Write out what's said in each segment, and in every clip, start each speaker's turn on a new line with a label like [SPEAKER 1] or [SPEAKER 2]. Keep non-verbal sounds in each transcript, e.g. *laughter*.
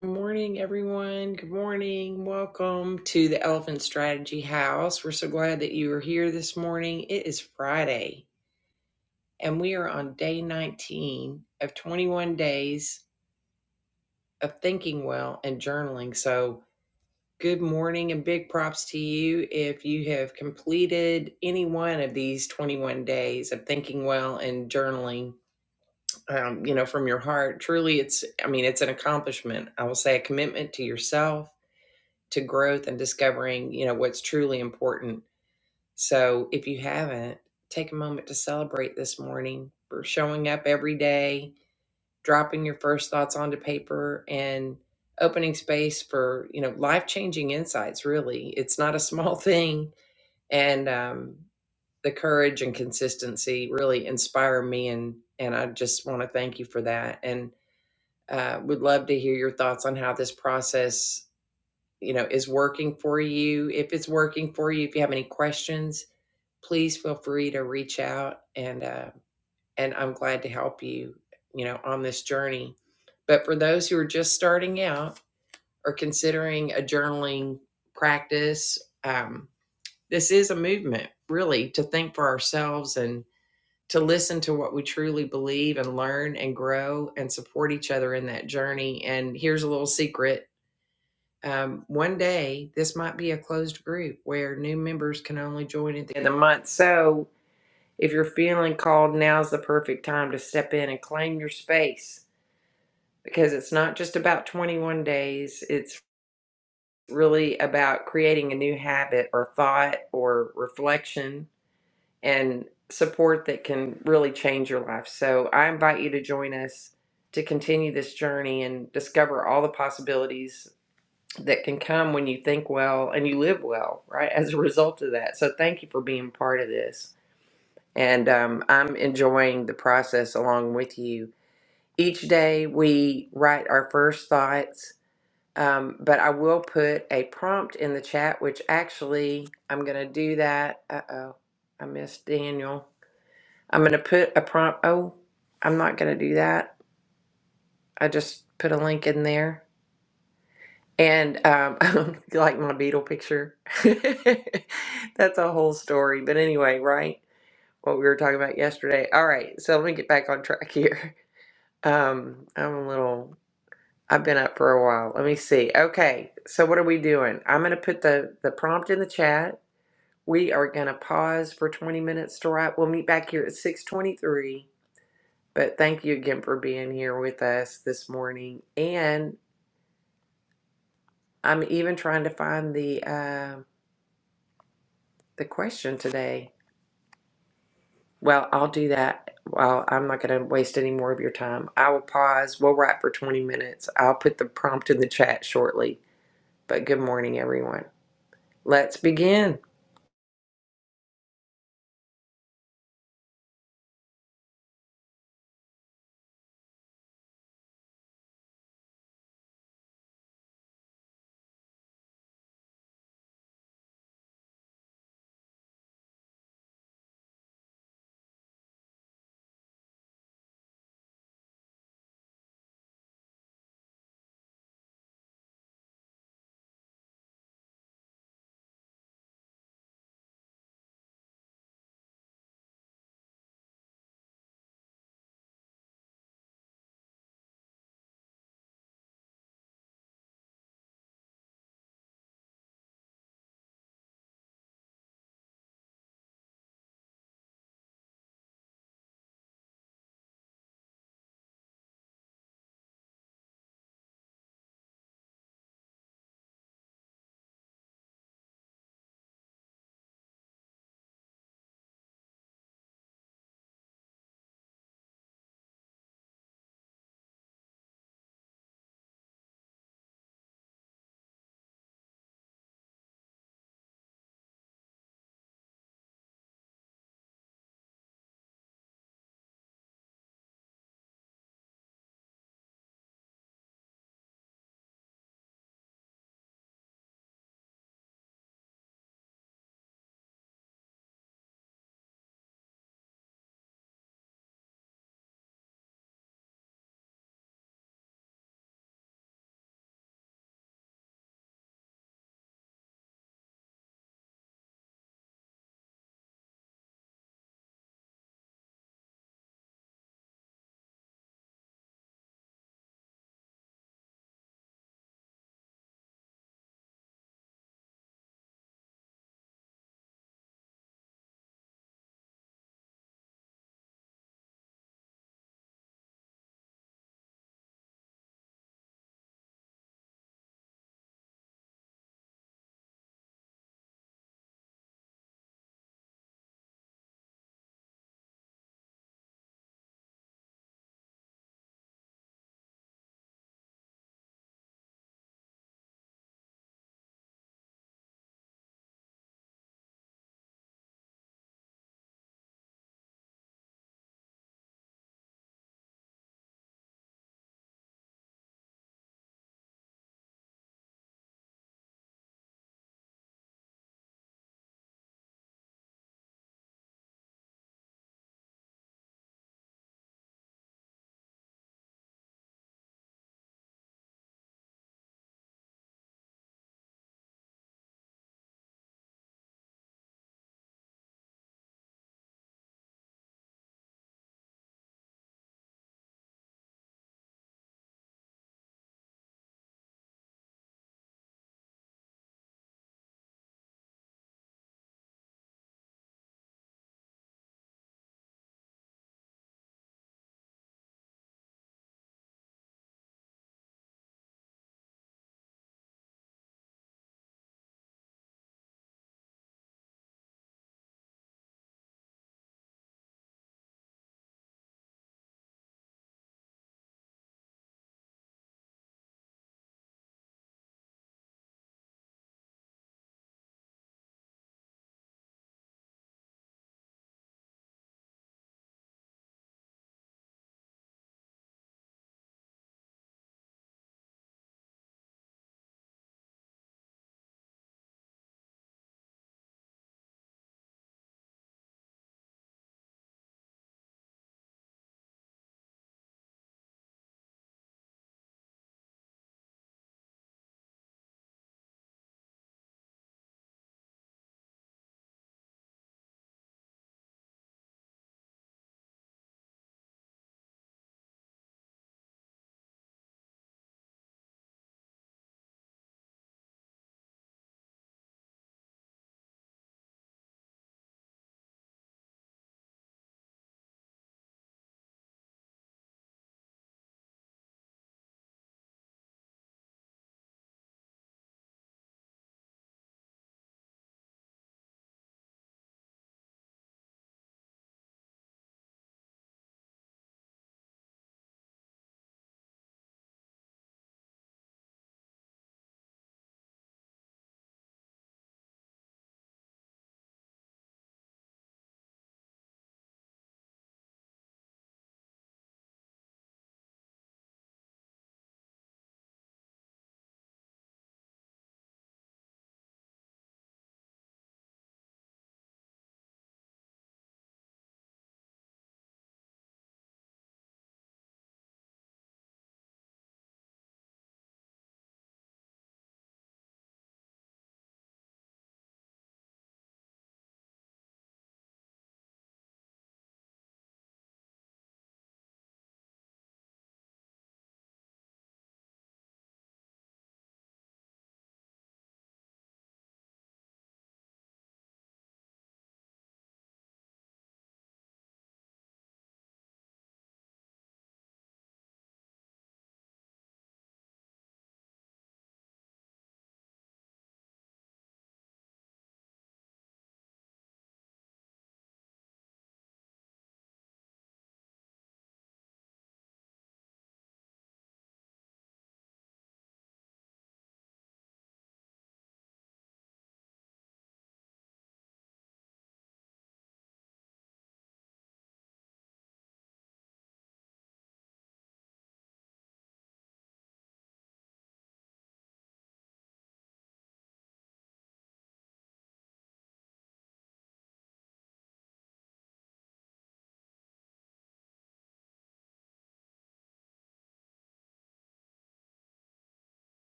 [SPEAKER 1] Good morning, everyone. Good morning. Welcome to the Elephant Strategy House. We're so glad that you are here this morning. It is Friday, and we are on day 19 of 21 days of thinking well and journaling. So, good morning, and big props to you if you have completed any one of these 21 days of thinking well and journaling. Um, you know, from your heart. Truly, it's, I mean, it's an accomplishment. I will say a commitment to yourself to growth and discovering, you know, what's truly important. So if you haven't, take a moment to celebrate this morning for showing up every day, dropping your first thoughts onto paper and opening space for, you know, life-changing insights really. It's not a small *laughs* thing and um the courage and consistency really inspire me and and I just want to thank you for that and uh, would love to hear your thoughts on how this process you know is working for you if it's working for you if you have any questions please feel free to reach out and uh, and i'm glad to help you you know on this journey but for those who are just starting out or considering a journaling practice um, this is a movement really to think for ourselves and to listen to what we truly believe and learn and grow and support each other in that journey and here's a little secret um, one day, this might be a closed group where new members can only join at the end of the month. So, if you're feeling called, now's the perfect time to step in and claim your space because it's not just about 21 days, it's really about creating a new habit or thought or reflection and support that can really change your life. So, I invite you to join us to continue this journey and discover all the possibilities that can come when you think well and you live well, right? As a result of that. So thank you for being part of this. And um, I'm enjoying the process along with you. Each day we write our first thoughts, um, but I will put a prompt in the chat, which actually I'm going to do that. Uh oh, I missed Daniel. I'm going to put a prompt. Oh, I'm not going to do that. I just put a link in there. And um, *laughs* like my beetle picture, *laughs* that's a whole story. But anyway, right? What we were talking about yesterday. All right, so let me get back on *laughs* track here. Um, I'm a little. I've been up for a while. Let me see. Okay, so what are we doing? I'm gonna put the the prompt in the chat. We are gonna pause for 20 minutes to write. We'll meet back here at 6:23. But thank you again for being here with us this morning. And I'm even trying to find the. um. The question today, well, I'll do that. Well, I'm not going to waste any more of your time. I will pause. We'll wrap for 20 minutes. I'll put the prompt in the chat shortly. But good morning, everyone. Let's begin.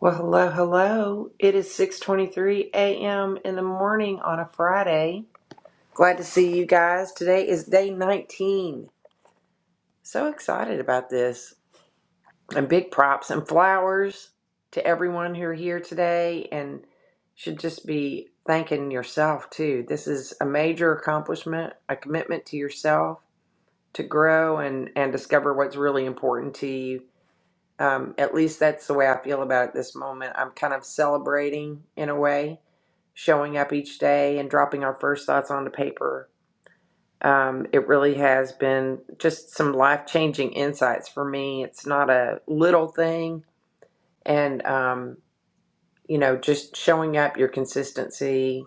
[SPEAKER 1] Well, hello, hello. It is 6:23 a.m. in the morning on a Friday. Glad to see you guys. Today is day 19. So excited about this. and big props and flowers to everyone who are here today and should just be thanking yourself too. This is a major accomplishment, a commitment to yourself to grow and and discover what's really important to you. Um, at least that's the way I feel about it this moment. I'm kind of celebrating in a way, showing up each day and dropping our first thoughts onto paper. Um, it really has been just some life changing insights for me. It's not a little thing and um, you know just showing up your consistency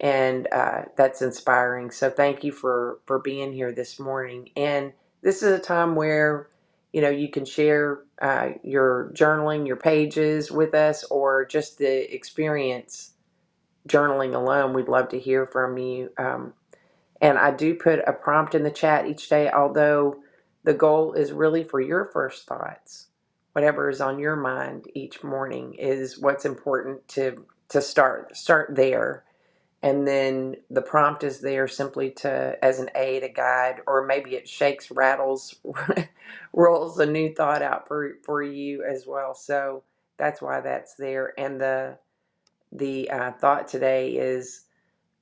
[SPEAKER 1] and uh, that's inspiring so thank you for for being here this morning and this is a time where you know you can share uh, your journaling your pages with us or just the experience journaling alone we'd love to hear from you Um, and I do put a prompt in the chat each day, although the goal is really for your first thoughts. Whatever is on your mind each morning is what's important to to start start there. And then the prompt is there simply to as an aid, a guide, or maybe it shakes, rattles, *laughs* rolls a new thought out for for you as well. So that's why that's there. And the the uh, thought today is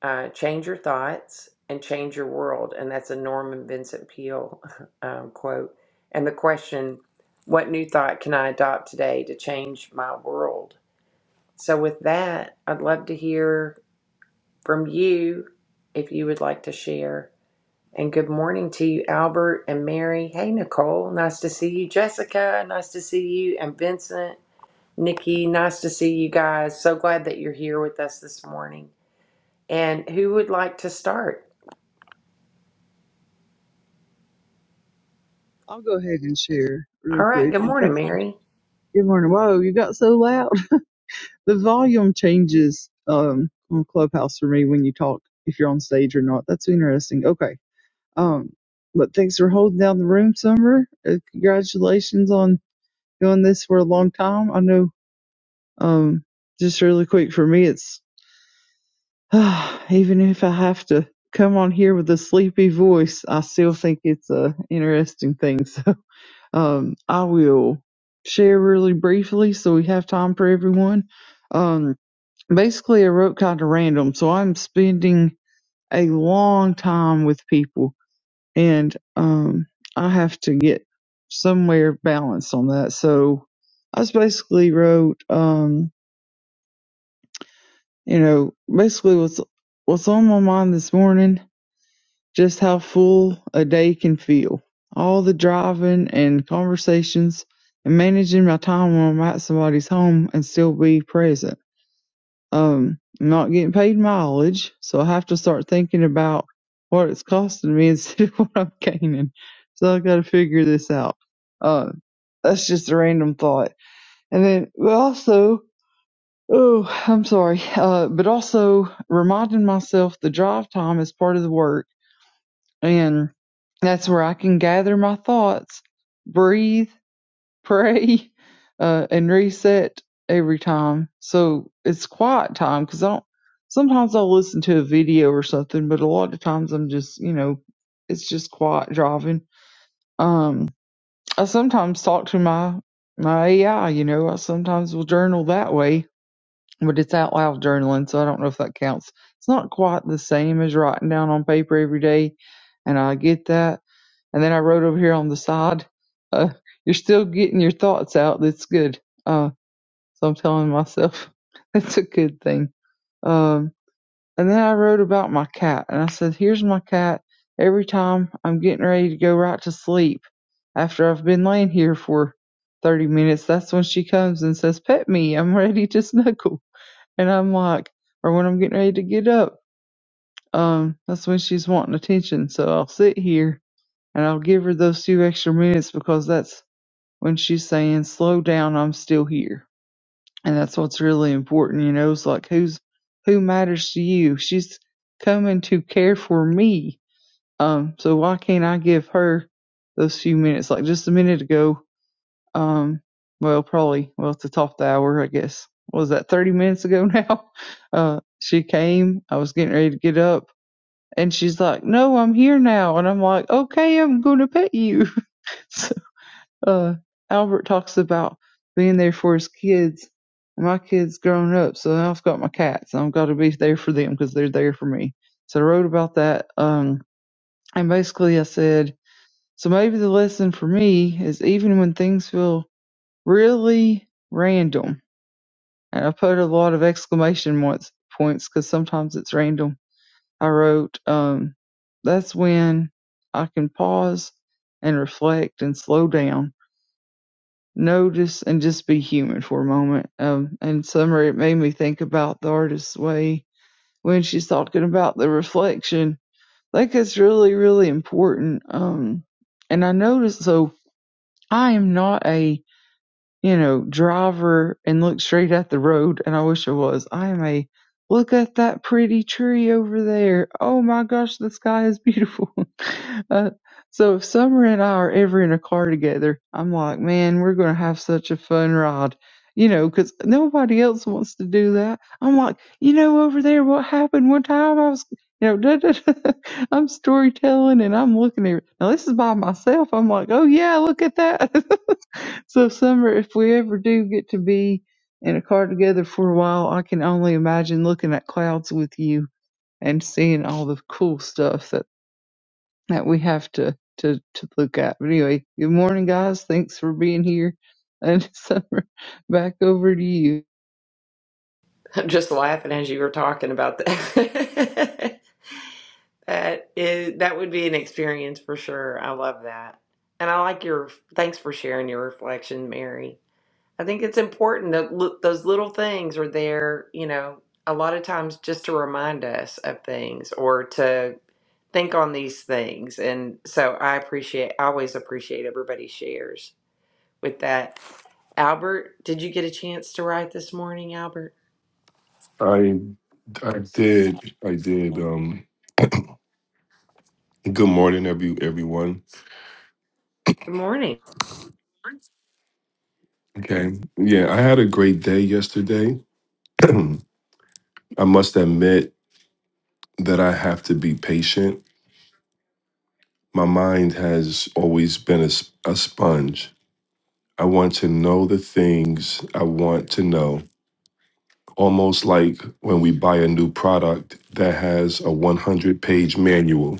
[SPEAKER 1] uh, change your thoughts and change your world. And that's a Norman Vincent Peale *laughs* um, quote. And the question, what new thought can I adopt today to change my world? So, with that, I'd love to hear from you if you would like to share. And good morning to you, Albert and Mary. Hey, Nicole, nice to see you. Jessica, nice to see you. And Vincent, Nikki, nice to see you guys. So glad that you're here with us this morning. And who would like to start?
[SPEAKER 2] I'll go ahead and share really
[SPEAKER 1] All right.
[SPEAKER 2] quick.
[SPEAKER 1] Good
[SPEAKER 2] And thank
[SPEAKER 1] morning, Mary.
[SPEAKER 2] good morning. Whoa, you got so loud. *laughs* The volume changes um, on Clubhouse for me when you talk, if you're on stage or not. That's interesting. Okay. Um, but thanks for holding down the room, Summer. Uh, congratulations on doing this for a long time. I know. Um, just really quick for me, it's *sighs* even if I have to come on here with a sleepy voice, I still think it's a interesting thing. So Um, I will share really briefly so we have time for everyone. Um, basically, I wrote kind of random, so I'm spending a long time with people, and um, I have to get somewhere balanced on that. So I just basically wrote, um, you know, basically what's what's on my mind this morning Just how full a day can feel. All the driving and conversations and managing my time when I'm at somebody's home and still be present. Um, I'm not getting paid mileage, so I have to start thinking about what it's costing me *laughs* instead of what I'm gaining. So I've got to figure this out. Uh, that's just a random thought. And then but also, oh, I'm sorry, uh, but also reminding myself the drive time is part of the work and that's where I can gather my thoughts, breathe, *laughs* pray, uh, and reset every time. So it's quiet time because I don't. Sometimes I'll listen to a video or something, but a lot of times I'm just, you know, it's just quiet driving. Um, I sometimes talk to my my AI. You know, I sometimes will journal that way, but it's out loud journaling, so I don't know if that counts. It's not quite the same as writing down on paper every day, and I get that and then I wrote over here on the side, uh, you're still getting your thoughts out. That's good. Uh, so I'm telling myself *laughs* that's a good thing. Um, and then I wrote about my cat and I said, here's my cat. Every time I'm getting ready to go right to sleep after I've been laying here for 30 minutes, that's when she comes and says, pet me. I'm ready to *laughs* snuggle. And I'm like, or when I'm getting ready to get up, um, that's when she's wanting attention. So I'll sit here and I'll give her those few extra minutes because that's when she's saying, slow down, I'm still here. And that's what's really important, you know, it's like who's, who matters to you? She's coming to care for me. Um, so why can't I give her those few minutes? Like just a minute ago, um, well, probably, well, at the top of the hour, I guess. What Was that 30 minutes ago now? *laughs* Uh, she came, I was getting ready to get up. And she's like, "No, I'm here now," and I'm like, "Okay, I'm gonna pet you." *laughs* uh, Albert talks about being there for his kids. My kids grown up, so I've got my cats. I've got to be there for them because they're there for me. So I wrote about that, um, and basically I said, so maybe the lesson for me is even when things feel really random, and I put a lot of exclamation points points because sometimes it's random. I wrote, um, that's when I can pause and reflect and slow down notice and just be human for a moment. Um, and summer, it made me think about the artist's way when she's talking about the reflection. Like it's really, really important. Um, and I noticed, so I am not a you know, driver and look straight at the road, and I wish I was. I am a look at that pretty tree over there. Oh my gosh, the sky is beautiful. *laughs* uh, so if Summer and I are ever in a car together, I'm like, man, we're gonna have such a fun ride. You know, because nobody else wants to do that. I'm like, you know, over there, what happened one time? I was, you know, *laughs* da, da, da. *laughs* I'm storytelling and I'm looking at. Now this is by myself. I'm like, oh yeah, look at that. *laughs* So, Summer, if we ever do get to be in a car together for a while, I can only imagine looking at clouds with you and seeing all the cool stuff that, that we have to, to, to look at. But anyway, good morning, guys. Thanks for being here. And *laughs* Summer, back over to you
[SPEAKER 1] I'm just laughing as you were talking about that. *laughs* that is that would be an experience for sure. I love that. And I like your thanks for sharing your reflection, Mary. I think it's important that look, those little things are there, you know, a lot of times just to remind us of things or to think on these things. And so I appreciate I always appreciate everybody shares with that. Albert, did you get a chance to write this morning, Albert?
[SPEAKER 3] I I did I did. Um, good morning, every everyone.
[SPEAKER 1] Good morning.
[SPEAKER 3] Okay, yeah, I had a great day yesterday. *clears throat* I must admit that I have to be patient. My mind has always been a, s- a sponge. I want to know the things I want to know, almost like when we buy a new product that has a 100 page manual.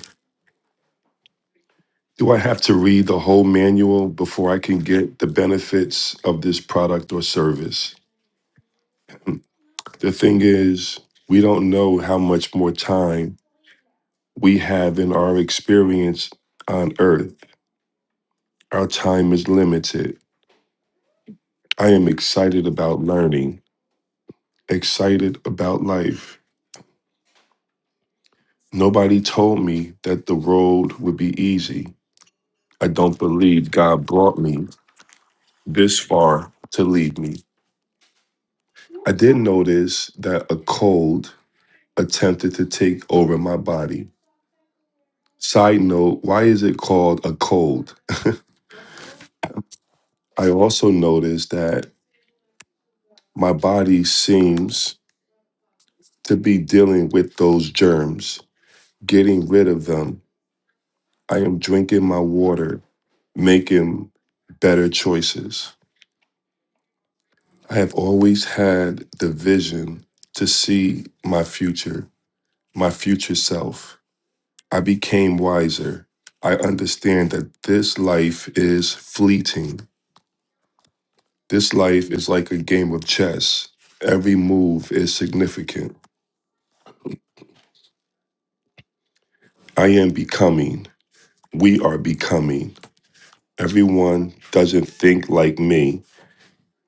[SPEAKER 3] Do I have to read the whole manual before I can get the benefits of this product or service? The thing is, we don't know how much more time we have in our experience on earth. Our time is limited. I am excited about learning, excited about life. Nobody told me that the road would be easy. I don't believe God brought me this far to lead me. I did notice that a cold attempted to take over my body. Side note, why is it called a cold? I also noticed that my body seems to be dealing with those germs, getting rid of them. I am drinking my water, making better choices. I have always had the vision to see my future, my future self. I became wiser. I understand that this life is fleeting. This life is like a game of chess. Every move is significant. I am becoming. We are becoming. Everyone doesn't think like me,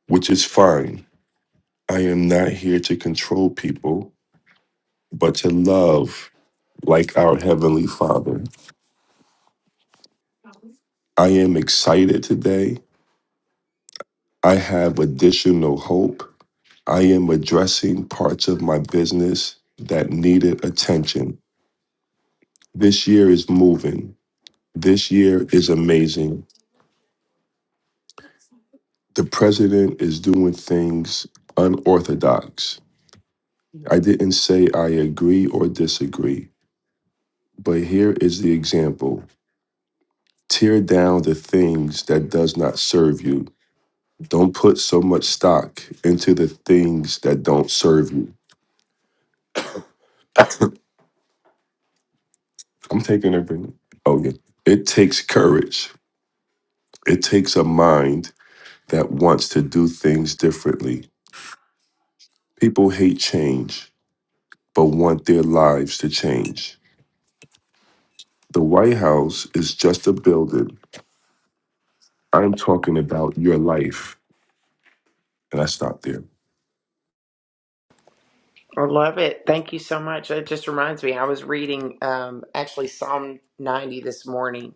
[SPEAKER 3] which is fine. I am not here to control people, but to love like our Heavenly Father. I am excited today. I have additional hope. I am addressing parts of my business that needed attention. This year is moving. This year is amazing. The president is doing things unorthodox. I didn't say I agree or disagree. But here is the example. Tear down the things that does not serve you. Don't put so much stock into the things that don't serve you. I'm taking everything. Oh yeah. It takes courage. It takes a mind that wants to do things differently. People hate change, but want their lives to change. The White House is just a building. I'm talking about your life. And I stopped there.
[SPEAKER 1] I love it. Thank you so much. It just reminds me, I was reading um, actually Psalm 90 this morning.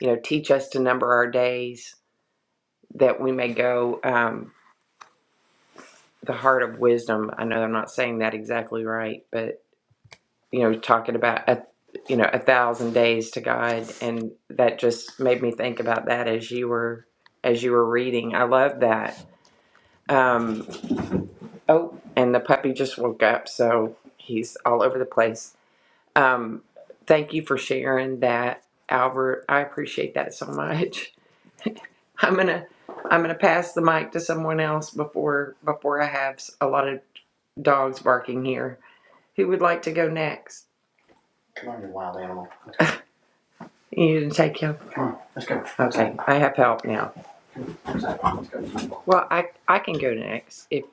[SPEAKER 1] You know, teach us to number our days that we may go um, the heart of wisdom. I know I'm not saying that exactly right, but, you know, talking about, a, you know, a thousand days to God. And that just made me think about that as you were, as you were reading. I love that. Um, oh, and the puppy just woke up. So he's all over the place. Um, thank you for sharing that, Albert. I appreciate that so much. *laughs* I'm gonna I'm gonna pass the mic to someone else before before I have s- a lot of dogs barking here. Who would like to go next? Come on, you wild animal. You didn't take him. Come on, let's go. Okay, I have help now. Let's go. Well, I I can go next if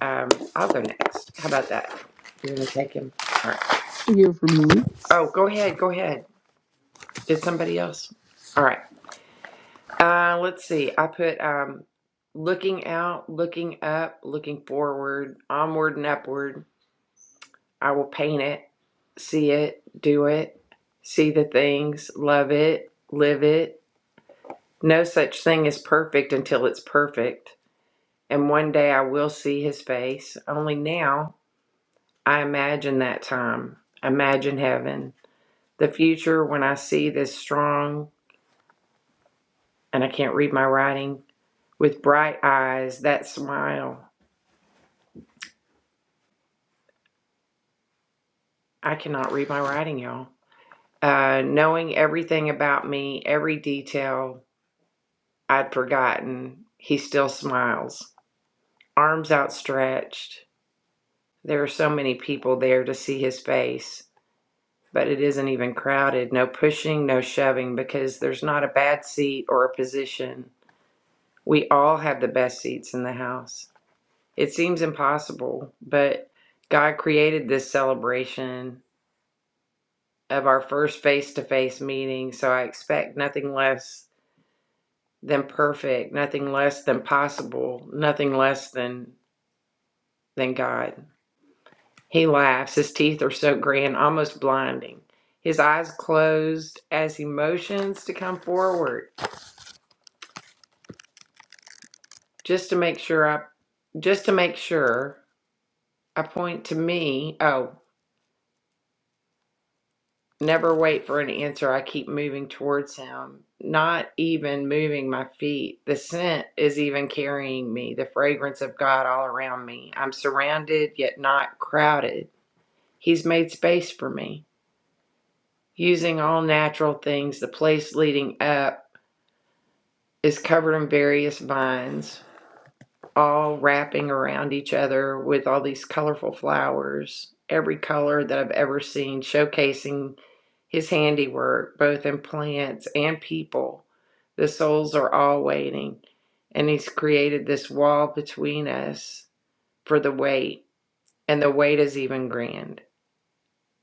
[SPEAKER 1] um I'll go next. How about that? You're gonna take him. All right.
[SPEAKER 2] to hear from you.
[SPEAKER 1] Oh, go ahead. Go ahead. Did somebody else? All right. Uh, let's see. I put um, looking out, looking up, looking forward, onward and upward. I will paint it, see it, do it, see the things, love it, live it. No such thing is perfect until it's perfect. And one day I will see his face. Only now I imagine that time. Imagine heaven. The future when I see this strong, and I can't read my writing, with bright eyes, that smile. I cannot read my writing, y'all. Uh, knowing everything about me, every detail I'd forgotten, he still smiles, arms outstretched. There are so many people there to see his face, but it isn't even crowded. No pushing, no shoving, because there's not a bad seat or a position. We all have the best seats in the house. It seems impossible, but God created this celebration of our first face to face meeting, so I expect nothing less than perfect, nothing less than possible, nothing less than than God. He laughs. His teeth are so grand, almost blinding. His eyes closed as he motions to come forward, just to make sure I, just to make sure I point to me. Oh, never wait for an answer. I keep moving towards him, not even moving my feet. The scent is even carrying me, the fragrance of God all around me. I'm surrounded yet not crowded. He's made space for me. Using all natural things, the place leading up is covered in various vines, all wrapping around each other with all these colorful flowers, every color that I've ever seen, showcasing his handiwork, both in plants and people. The souls are all waiting, and he's created this wall between us for the wait, and the wait is even grand.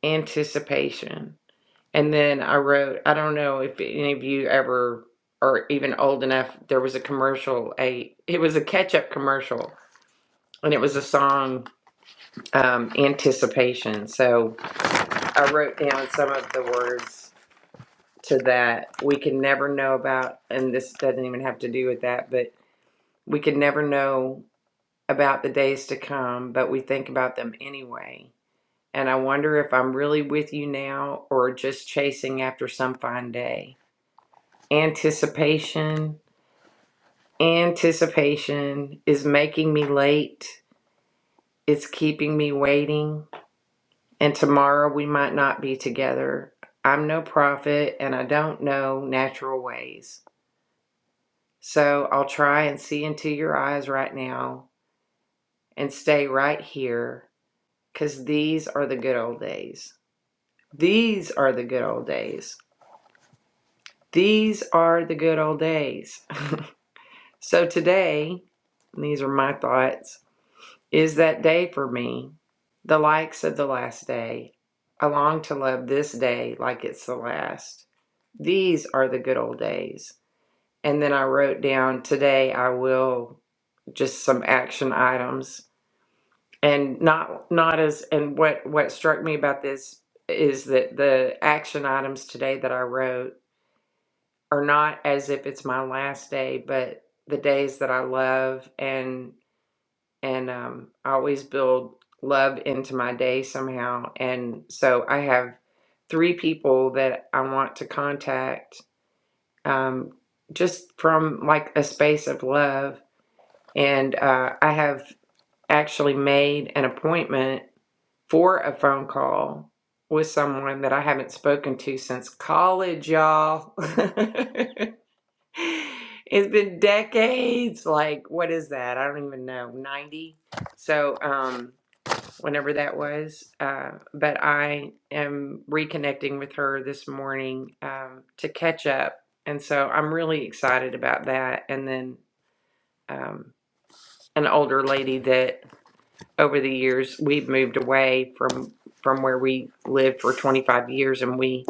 [SPEAKER 1] Anticipation. And then I wrote, I don't know if any of you ever are even old enough. There was a commercial, a it was a ketchup commercial, and it was a song, um, Anticipation. So I wrote down some of the words to that. We can never know about, and this doesn't even have to do with that, but we can never know about the days to come, but we think about them anyway. And I wonder if I'm really with you now or just chasing after some fine day. Anticipation. Anticipation is making me late. It's keeping me waiting. And tomorrow we might not be together. I'm no prophet and I don't know natural ways. So I'll try and see into your eyes right now and stay right here, 'cause these are the good old days. These are the good old days. These are the good old days. *laughs* so today, these are my thoughts. Is that day for me, the likes of the last day? I long to love this day like it's the last. These are the good old days. And then I wrote down today I will just some action items and not not as and what what struck me about this is that the action items today that I wrote are not as if it's my last day, but the days that I love and and um, I always build love into my day somehow. And so I have three people that I want to contact um, just from like a space of love. And uh, I have actually made an appointment for a phone call with someone that I haven't spoken to since college, y'all. *laughs* It's been decades. Like, what is that? I don't even know. 90. So, um, whenever that was. Uh, but I am reconnecting with her this morning um, to catch up. And so I'm really excited about that. And then um, an older lady that over the years we've moved away from from where we lived for 25 years and we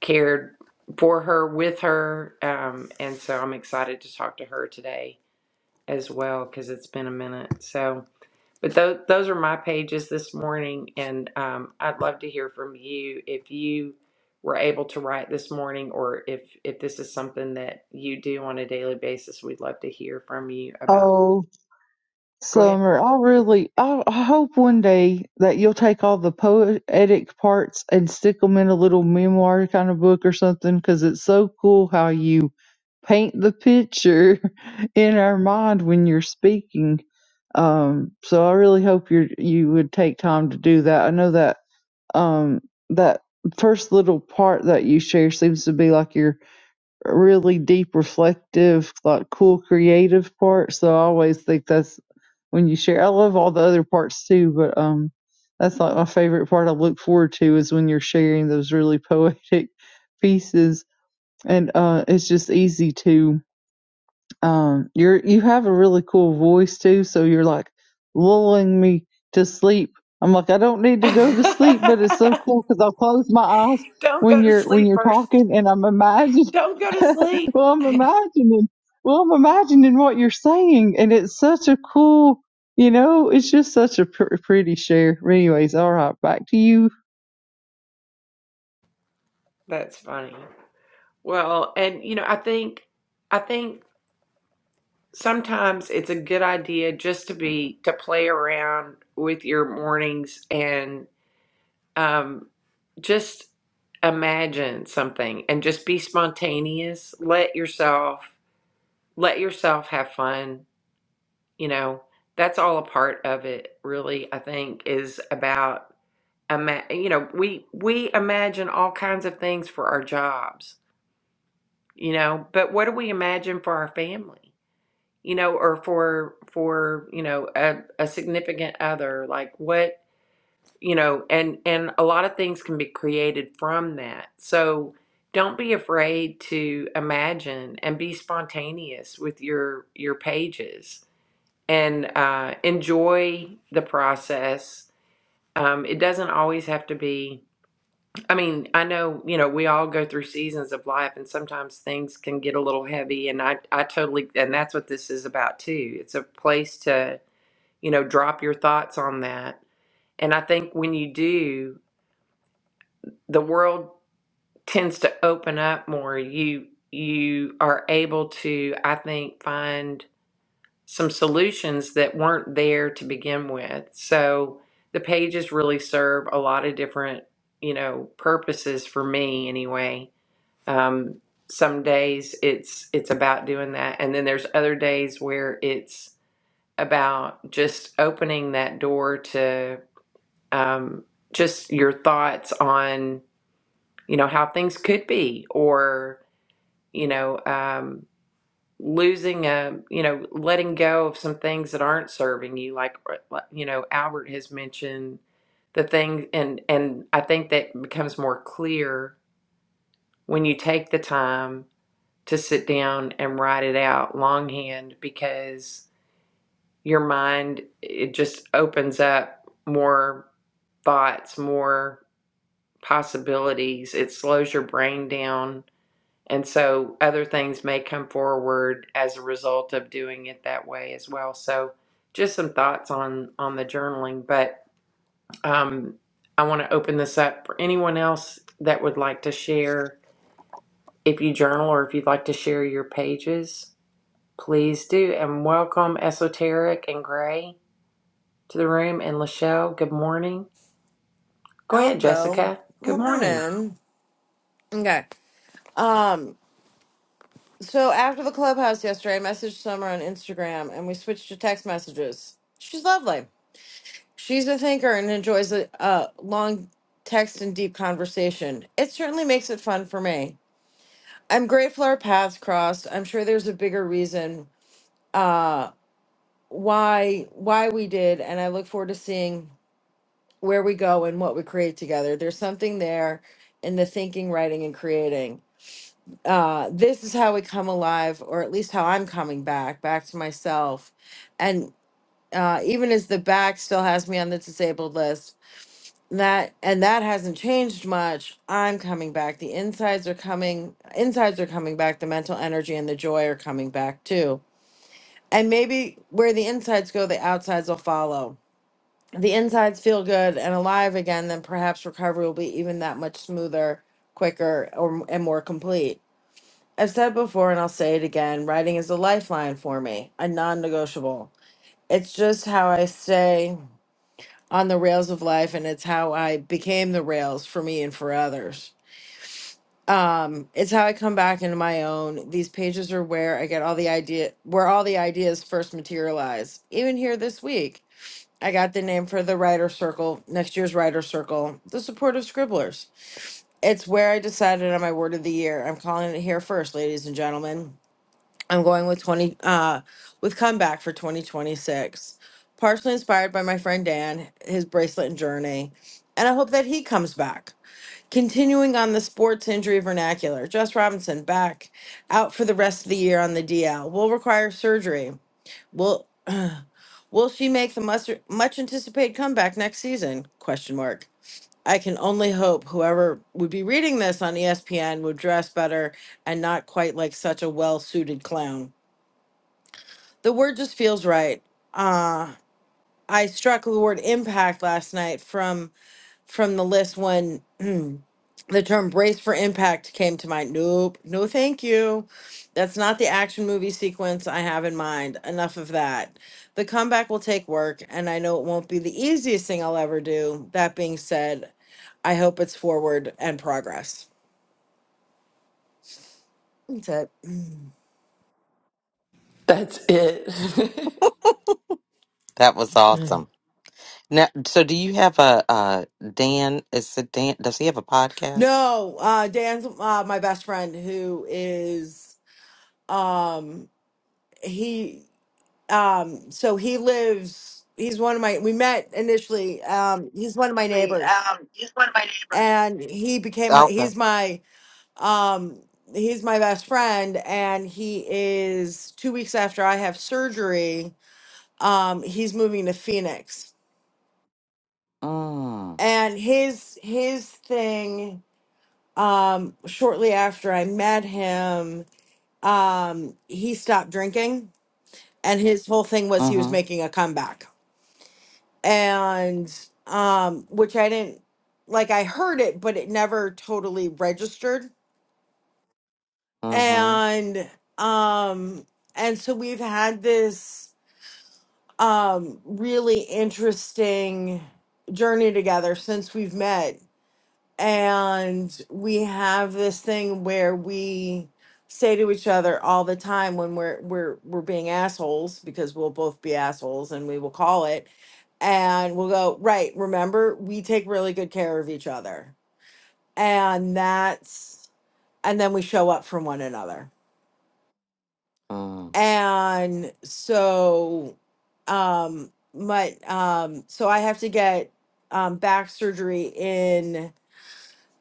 [SPEAKER 1] cared for her with her um, and so i'm excited to talk to her today as well because it's been a minute so but those those are my pages this morning, and um, I'd love to hear from you if you were able to write this morning, or if if this is something that you do on a daily basis. We'd love to hear from you about.
[SPEAKER 2] Oh,
[SPEAKER 1] Go ahead.
[SPEAKER 2] Summer, I really, I, I hope one day that you'll take all the poetic parts and stick them in a little memoir kind of book or something, because it's so cool how you paint the picture *laughs* in our mind when you're speaking. Um, so I really hope you you would take time to do that. I know that um that first little part that you share seems to be like your really deep, reflective, like cool, creative part. So I always think that's when you share. I love all the other parts too, but um, that's like my favorite part. I look forward to is when you're sharing those really *laughs* poetic pieces, and uh, it's just easy to um you're you have a really cool voice too so you're like lulling me to sleep i'm like i don't need to go to sleep but it's so
[SPEAKER 1] *laughs*
[SPEAKER 2] cool because i'll close my eyes
[SPEAKER 1] Don't
[SPEAKER 2] when
[SPEAKER 1] go to
[SPEAKER 2] you're when
[SPEAKER 1] sleep
[SPEAKER 2] you're
[SPEAKER 1] first.
[SPEAKER 2] talking and i'm imagining
[SPEAKER 1] Don't go to
[SPEAKER 2] *laughs*
[SPEAKER 1] sleep.
[SPEAKER 2] well i'm imagining well i'm imagining what you're saying and it's such a cool you know it's just such a pr- pretty share anyways all right back to you
[SPEAKER 1] That's funny. Well, and you know, I think I think sometimes it's a good idea just to be to play around with your mornings and. um, just imagine something and just be spontaneous let yourself let yourself have fun you know that's all a part of it really i think is about ima- you know we we imagine all kinds of things for our jobs you know but what do we imagine for our family you know or for for you know a, a significant other like what you know and and a lot of things can be created from that so don't be afraid to imagine and be spontaneous with your your pages and uh, enjoy the process um, it doesn't always have to be i mean i know you know we all go through seasons of life and sometimes things can get a little heavy and i i totally and that's what this is about too it's a place to you know drop your thoughts on that and i think when you do the world tends to open up more you you are able to i think find some solutions that weren't there to begin with so the pages really serve a lot of different you know purposes for me anyway um, some days it's it's about doing that and then there's other days where it's about just opening that door to um, just your thoughts on you know how things could be or you know um losing a you know letting go of some things that aren't serving you like uh, uh, you know Albert has mentioned the thing and and I think that becomes more clear when you take the time to sit down and write it out longhand because your mind it just opens up more thoughts more possibilities it slows your brain down And so other things may come forward as a result of doing it that way as well. So just some thoughts on on the journaling, but um, I want to open this up for anyone else that would like to share if you journal or if you'd like to share your pages, please do. And welcome Esoteric and Gray to the room and Lachelle, good morning. Go
[SPEAKER 4] I'll
[SPEAKER 1] ahead,
[SPEAKER 4] go.
[SPEAKER 1] Jessica. Good morning.
[SPEAKER 4] Morning. Okay. Um, so after the clubhouse yesterday, I messaged Summer on Instagram and we switched to text messages. She's lovely. She's a thinker and enjoys a, a long text and deep conversation. It certainly makes it fun for me. I'm grateful our paths crossed. I'm sure there's a bigger reason uh why why we did and I look forward to seeing where we go and what we create together. There's something there in the thinking, writing and creating. uh, this is how we come alive, or at least how I'm coming back, back to myself. And uh, even as the back still has me on the disabled list, that and that hasn't changed much. I'm coming back. The insides are coming. Insides are coming back. The mental energy and the joy are coming back too. And maybe where the insides go, the outsides will follow. The insides feel good and alive again, then perhaps recovery will be even that much smoother, quicker, or and more complete I've said before and I'll say it again writing is a lifeline for me, a non negotiable. It's just how I stay on the rails of life and it's how I became the rails for me and for others. Um, it's how I come back into my own. These pages are where I get all the idea where all the ideas first materialize. Even here this week, I got the name for the writer circle, next year's writer circle, the supportive scribblers. It's where I decided on my word of the year. I'm calling it here first, ladies and gentlemen I'm going with 20 uh with comeback for 2026. Partially inspired by my friend Dan, his bracelet and journey, and I hope that he comes back. Continuing on the sports injury vernacular, Jess Robinson back out for the rest of the year on the DL. Will require surgery. Will *clears throat* will she make the much, much anticipated comeback next season? Question mark. I can only hope whoever would be reading this on ESPN would dress better and not quite like such a well-suited clown the word just feels right. Uh I struck the word impact last night from from the list when the term brace for impact came to mind. Nope, no thank you. That's not the action movie sequence I have in mind. Enough of that. The comeback will take work and I know it won't be the easiest thing I'll ever do. That being said, I hope it's forward and progress. That's it.
[SPEAKER 1] That's it. *laughs*
[SPEAKER 5] That was awesome. Now, so do you have a uh Dan? Is it Dan? Does he have a podcast?
[SPEAKER 4] No, uh Dan's uh my best friend who is um he Um, so he lives, he's one of my, we met initially, um, he's one of my
[SPEAKER 5] Actually,
[SPEAKER 4] neighbors
[SPEAKER 5] Um, he's one of my neighbors.
[SPEAKER 4] and he became my,
[SPEAKER 5] Okay.
[SPEAKER 4] he's my, um, he's my best friend and he is two weeks after I have surgery, um, he's moving to Phoenix
[SPEAKER 5] Mm.
[SPEAKER 4] and his, his thing, um, shortly after I met him, um, he stopped drinking and his whole thing was he was
[SPEAKER 5] Mm-hmm.
[SPEAKER 4] making a comeback and um which i didn't like i heard it but it never totally registered
[SPEAKER 5] Mm-hmm.
[SPEAKER 4] and um and so we've had this um really interesting journey together since we've met and we have this thing where we say to each other all the time when we're we're we're being assholes because we'll both be assholes and we will call it and we'll go right remember we take really good care of each other and that's and then we show up for one another
[SPEAKER 5] Mm.
[SPEAKER 4] and so um my um so i have to get um back surgery in.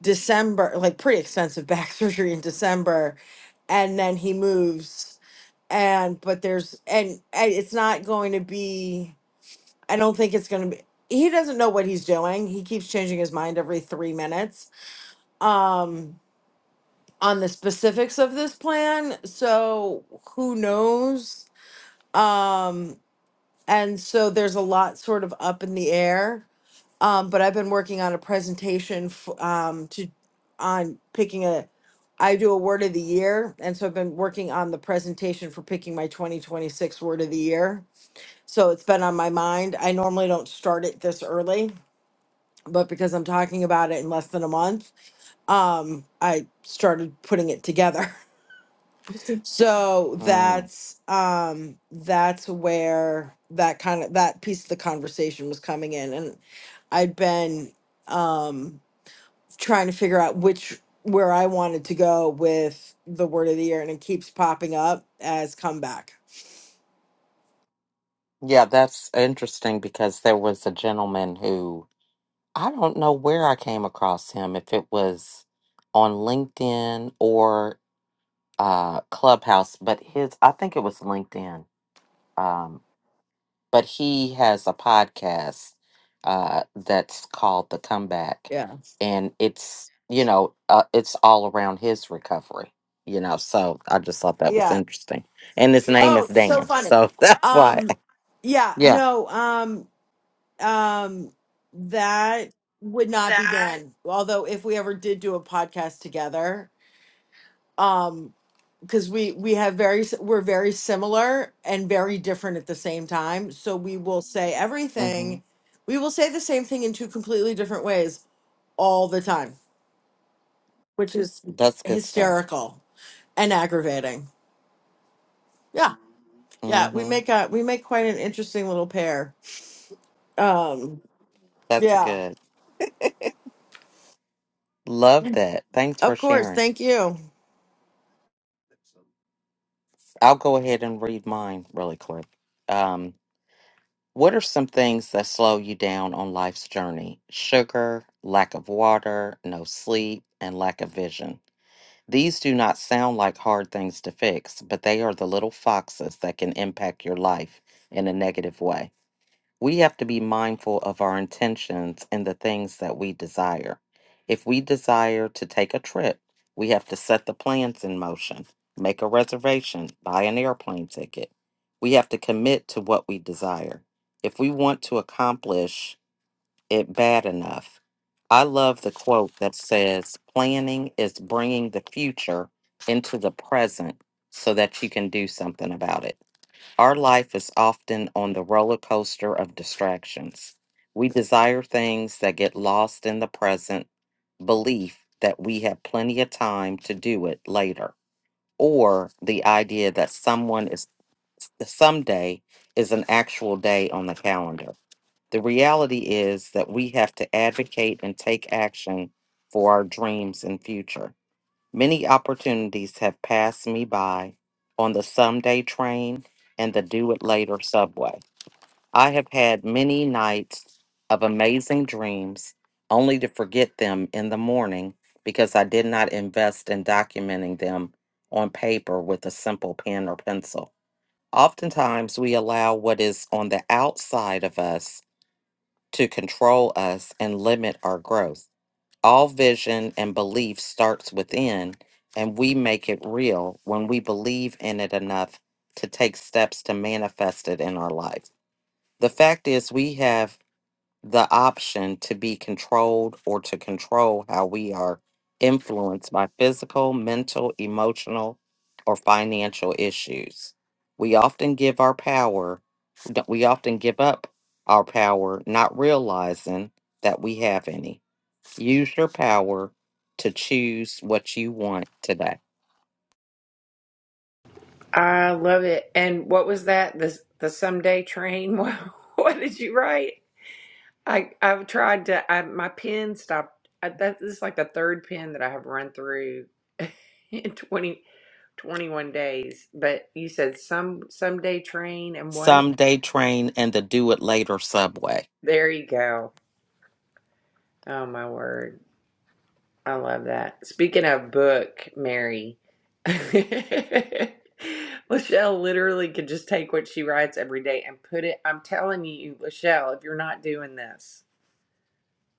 [SPEAKER 4] December, like pretty expensive *laughs* back surgery in December, and then he moves. And but there's and, and it's not going to be. I don't think it's going to be. He doesn't know what he's doing. He keeps changing his mind every three minutes um, on the specifics of this plan. So who knows? Um, and so there's a lot sort of up in the air. Um, but I've been working on a presentation f- um, to on picking a. I do a word of the year, and so I've been working on the presentation for picking my 2026 word of the year. So it's been on my mind. I normally don't start it this early, but because I'm talking about it in less than a month, um, I started putting it together. *laughs* so
[SPEAKER 5] Mm.
[SPEAKER 4] that's um, that's where that kind of that piece of the conversation was coming in, and I'd been. Um, trying to figure out which where I wanted to go with the word of the year, and it keeps popping up as comeback.
[SPEAKER 5] Yeah, that's interesting because there was a gentleman who I don't know where I came across him, if it was on LinkedIn or uh Clubhouse, but his I think it was LinkedIn. Um but he has a podcast uh, that's called The Comeback,
[SPEAKER 4] Yeah,
[SPEAKER 5] and it's you know uh, it's all around his recovery. You know, so I just thought that was
[SPEAKER 4] yeah.
[SPEAKER 5] interesting, and his name is
[SPEAKER 4] Oh, so
[SPEAKER 5] Dan,
[SPEAKER 4] funny.
[SPEAKER 5] so *laughs* that's why.
[SPEAKER 4] Um, yeah.
[SPEAKER 5] Yeah,
[SPEAKER 4] No. Um, um, that would not be Dan. Although, if we ever did do a podcast together, um, because we we have very s- we're very similar and very different at the same time, so we will say
[SPEAKER 5] hmm
[SPEAKER 4] everything. We will say the same thing in two completely different ways all the time which is
[SPEAKER 5] that's good stuff.
[SPEAKER 4] hysterical and aggravating. Yeah, yeah, we
[SPEAKER 5] hmm
[SPEAKER 4] make a we make quite an interesting little pair. Um,
[SPEAKER 5] That's
[SPEAKER 4] yeah,
[SPEAKER 5] good. *laughs* Love that. Thanks for
[SPEAKER 4] of course.
[SPEAKER 5] sharing.
[SPEAKER 4] Thank you.
[SPEAKER 5] I'll go ahead and read mine really quick. um, What are some things that slow you down on life's journey? Sugar, lack of water, no sleep, and lack of vision. These do not sound like hard things to fix, but they are the little foxes that can impact your life in a negative way we have to be mindful of our intentions and the things that we desire. If we desire to take a trip, we have to set the plans in motion, make a reservation, buy an airplane ticket. We have to commit to what we desire. If we want to accomplish it bad enough, I love the quote that says, planning is bringing the future into the present so that you can do something about it our life is often on the roller coaster of distractions. We desire things that get lost in the present, belief that we have plenty of time to do it later, or the idea that someone is someday is an actual day on the calendar. The reality is that we have to advocate and take action for our dreams and future. Many opportunities have passed me by on the someday train and the do it later subway. I have had many nights of amazing dreams only to forget them in the morning because I did not invest in documenting them on paper with a simple pen or pencil. Oftentimes, we allow what is on the outside of us to control us and limit our growth. All vision and belief starts within, and we make it real when we believe in it enough to take steps to manifest it in our life. The fact is, we have the option to be controlled or to control how we are influenced by physical, mental, emotional, or financial issues. We often give our power, we often give up our power, not realizing that we have any. Use your power to choose what you want today.
[SPEAKER 1] I love it. And what was that? The the someday train. *laughs* What, what did you write? I I've tried to. I, my pen stopped. I, that this is like the third pen that I have run through *laughs* in 20 21 days. But you said some someday train and what?
[SPEAKER 5] Some day train and the do it later subway.
[SPEAKER 1] There you go. Oh my word. I love that. Speaking of book, Mary, *laughs* Lachelle literally could just take what she writes every day and put it. I'm telling you, Lachelle, if you're not doing this,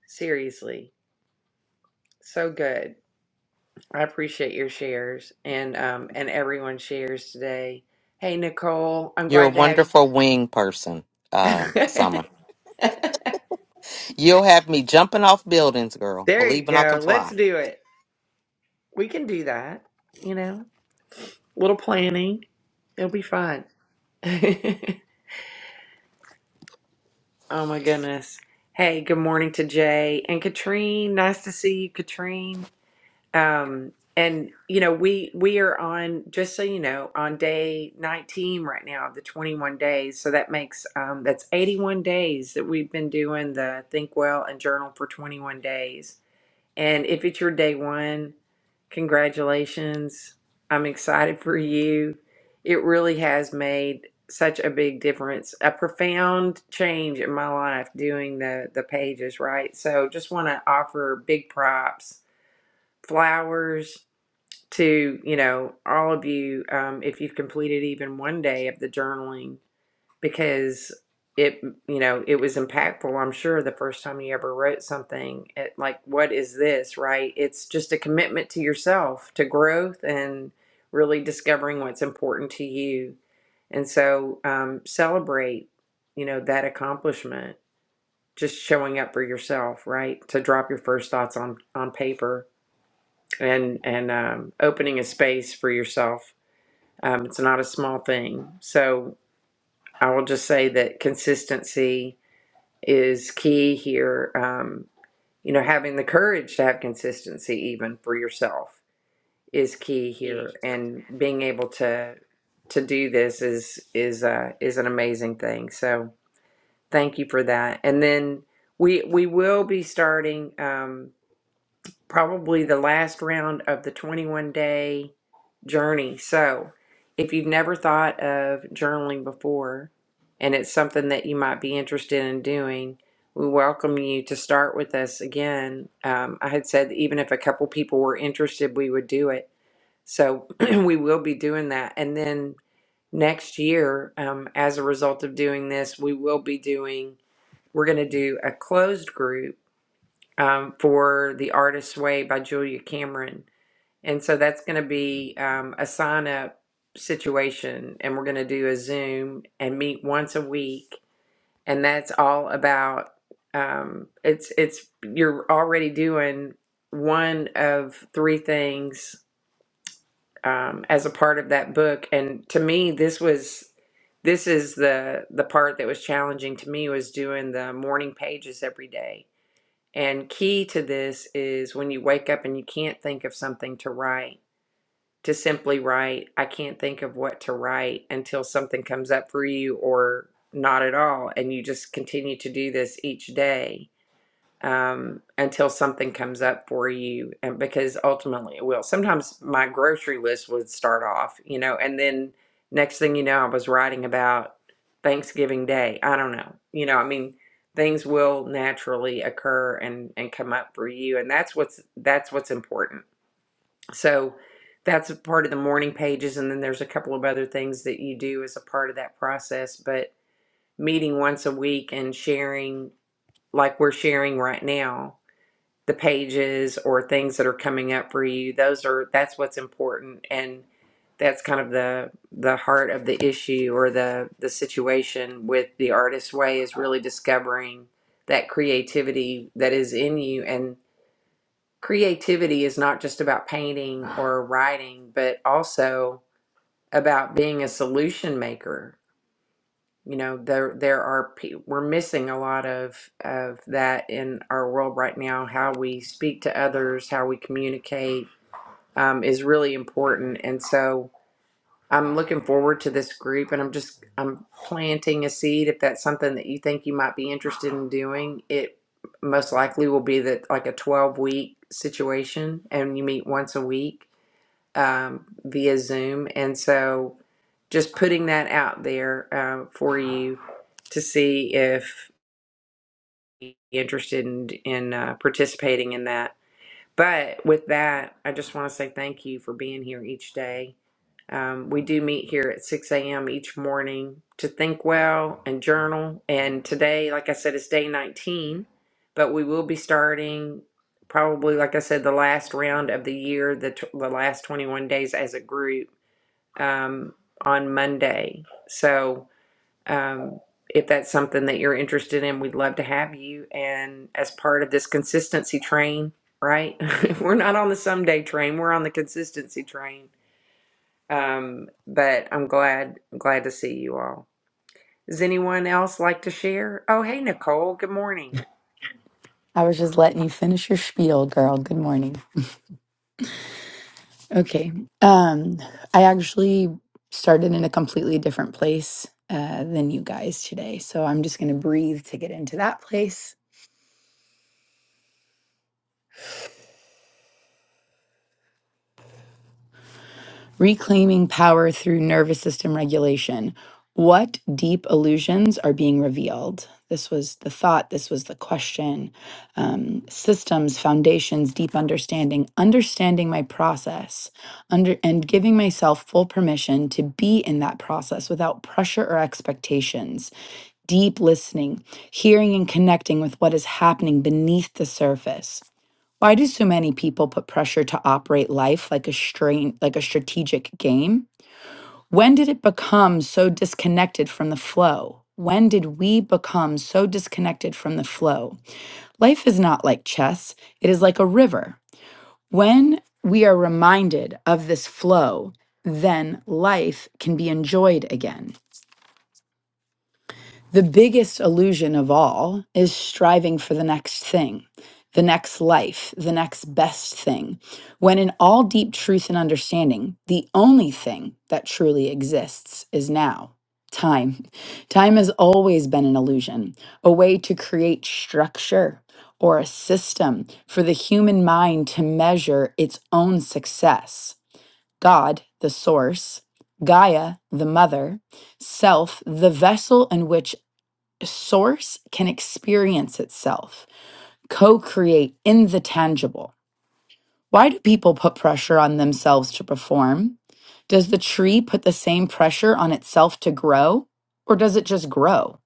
[SPEAKER 1] seriously, so good. I appreciate your shares and um and everyone's shares today. Hey Nicole, I'm
[SPEAKER 5] You're a
[SPEAKER 1] glad to have.
[SPEAKER 5] wonderful wing person, uh,
[SPEAKER 1] *laughs*
[SPEAKER 5] Summer. You'll have me jumping off buildings, girl,
[SPEAKER 1] there you
[SPEAKER 5] believing I can
[SPEAKER 1] go.
[SPEAKER 5] fly.
[SPEAKER 1] Let's do it. We can do that. You know, little planning. It'll be fun. *laughs* Oh my goodness. Hey, good morning to Jay and Katrine. Nice to see you, Katrine. Um, and you know, we we are on just so you know, on day 19 right now of the 21 days. So that makes um that's 81 days that we've been doing the Think Well and Journal for 21 days. And if it's your day one, congratulations. I'm excited for you. It really has made such a big difference, a profound change in my life doing the the pages, right? So just want to offer big props, flowers to, you know, all of you um, if you've completed even one day of the journaling because it you know it was impactful i'm sure the first time you ever wrote something it, like what is this right it's just a commitment to yourself to growth and really discovering what's important to you and so um, celebrate you know that accomplishment just showing up for yourself right to drop your first thoughts on on paper and and um, opening a space for yourself um, it's not a small thing so i will just say that consistency is key here. Um, you know, having the courage to have consistency even for yourself is key here, and being able to to do this is is uh, is an amazing thing. So thank you for that. And then we we will be starting um, probably the last round of the 21 day journey. So, if you've never thought of journaling before and it's something that you might be interested in doing, we welcome you to start with us again. Um, I had said that even if a couple people were interested, we would do it. So, *clears throat* we will be doing that. And then next year, um, as a result of doing this, we will be doing, we're going to do a closed group um, for The Artist's Way by Julia Cameron and so that's going to be um, a sign up situation. And we're going to do a Zoom and meet once a week. And that's all about um, it's, it's, you're already doing one of three things um, as a part of that book. And to me, this was, this is the, the part that was challenging to me was doing the morning pages every day. And key to this is when you wake up and you can't think of something to write to simply write, I can't think of what to write until something comes up for you or not at all. And you just continue to do this each day um, until something comes up for you. And because ultimately it will. Sometimes my grocery list would start off, you know, and then next thing you know, I was writing about Thanksgiving Day. I don't know. You know, I mean, things will naturally occur and, and come up for you. And that's what's that's what's important so that's a part of the morning pages. And then there's a couple of other things that you do as a part of that process. But meeting once a week and sharing, like we're sharing right now, the pages or things that are coming up for you, those are, that's what's important. And that's kind of the the heart of the issue or the the situation with the artist's way is really discovering that creativity that is in you and creativity is not just about painting or writing, but also about being a solution maker. You know, there there are pe- we're missing a lot of of that in our world right now. How we speak to others, how we communicate um, is really important, and so I'm looking forward to this group and I'm just I'm planting a seed if that's something that you think you might be interested in doing. It most likely will be that like a 12 week situation and you meet once a week um, via Zoom and so just putting that out there um, for you to see if you're interested in, in uh, participating in that. But with that, I just want to say thank you for being here each day. Um, we do meet here at 6 a.m. each morning to think well and journal. And today, like I said, is day 19, but we will be starting probably, like I said, the last round of the year, the, t- the last 21 days as a group um, on Monday. So um, if that's something that you're interested in, we'd love to have you. And as part of this consistency train, right? *laughs* we're not on the someday train, we're on the consistency train. Um, but I'm glad, I'm glad to see you all. Does anyone else like to share? Oh, hey, Nicole, good morning.
[SPEAKER 6] I was just letting you finish your spiel, girl. Good morning. Okay. Um, I actually started in a completely different place uh, than you guys today. So I'm just going to breathe to get into that place. Reclaiming power through nervous system regulation. What deep illusions are being revealed? This was the thought. This was the question. Um, systems, foundations, deep understanding, understanding my process, under and giving myself full permission to be in that process without pressure or expectations. Deep listening, hearing and connecting with what is happening beneath the surface why do so many people put pressure to operate life like a strain, like a strategic game? When did it become so disconnected from the flow? When did we become so disconnected from the flow? Life is not like chess, it is like a river. When we are reminded of this flow, then life can be enjoyed again. The biggest illusion of all is striving for the next thing, the next life, the next best thing, when in all deep truth and understanding, the only thing that truly exists is now. Time. Time has always been an illusion, a way to create structure or a system for the human mind to measure its own success. God, the source, Gaia, the mother, self, the vessel in which source can experience itself, co create in the tangible. Why do people put pressure on themselves to perform? Does the tree put the same pressure on itself to grow, or does it just grow?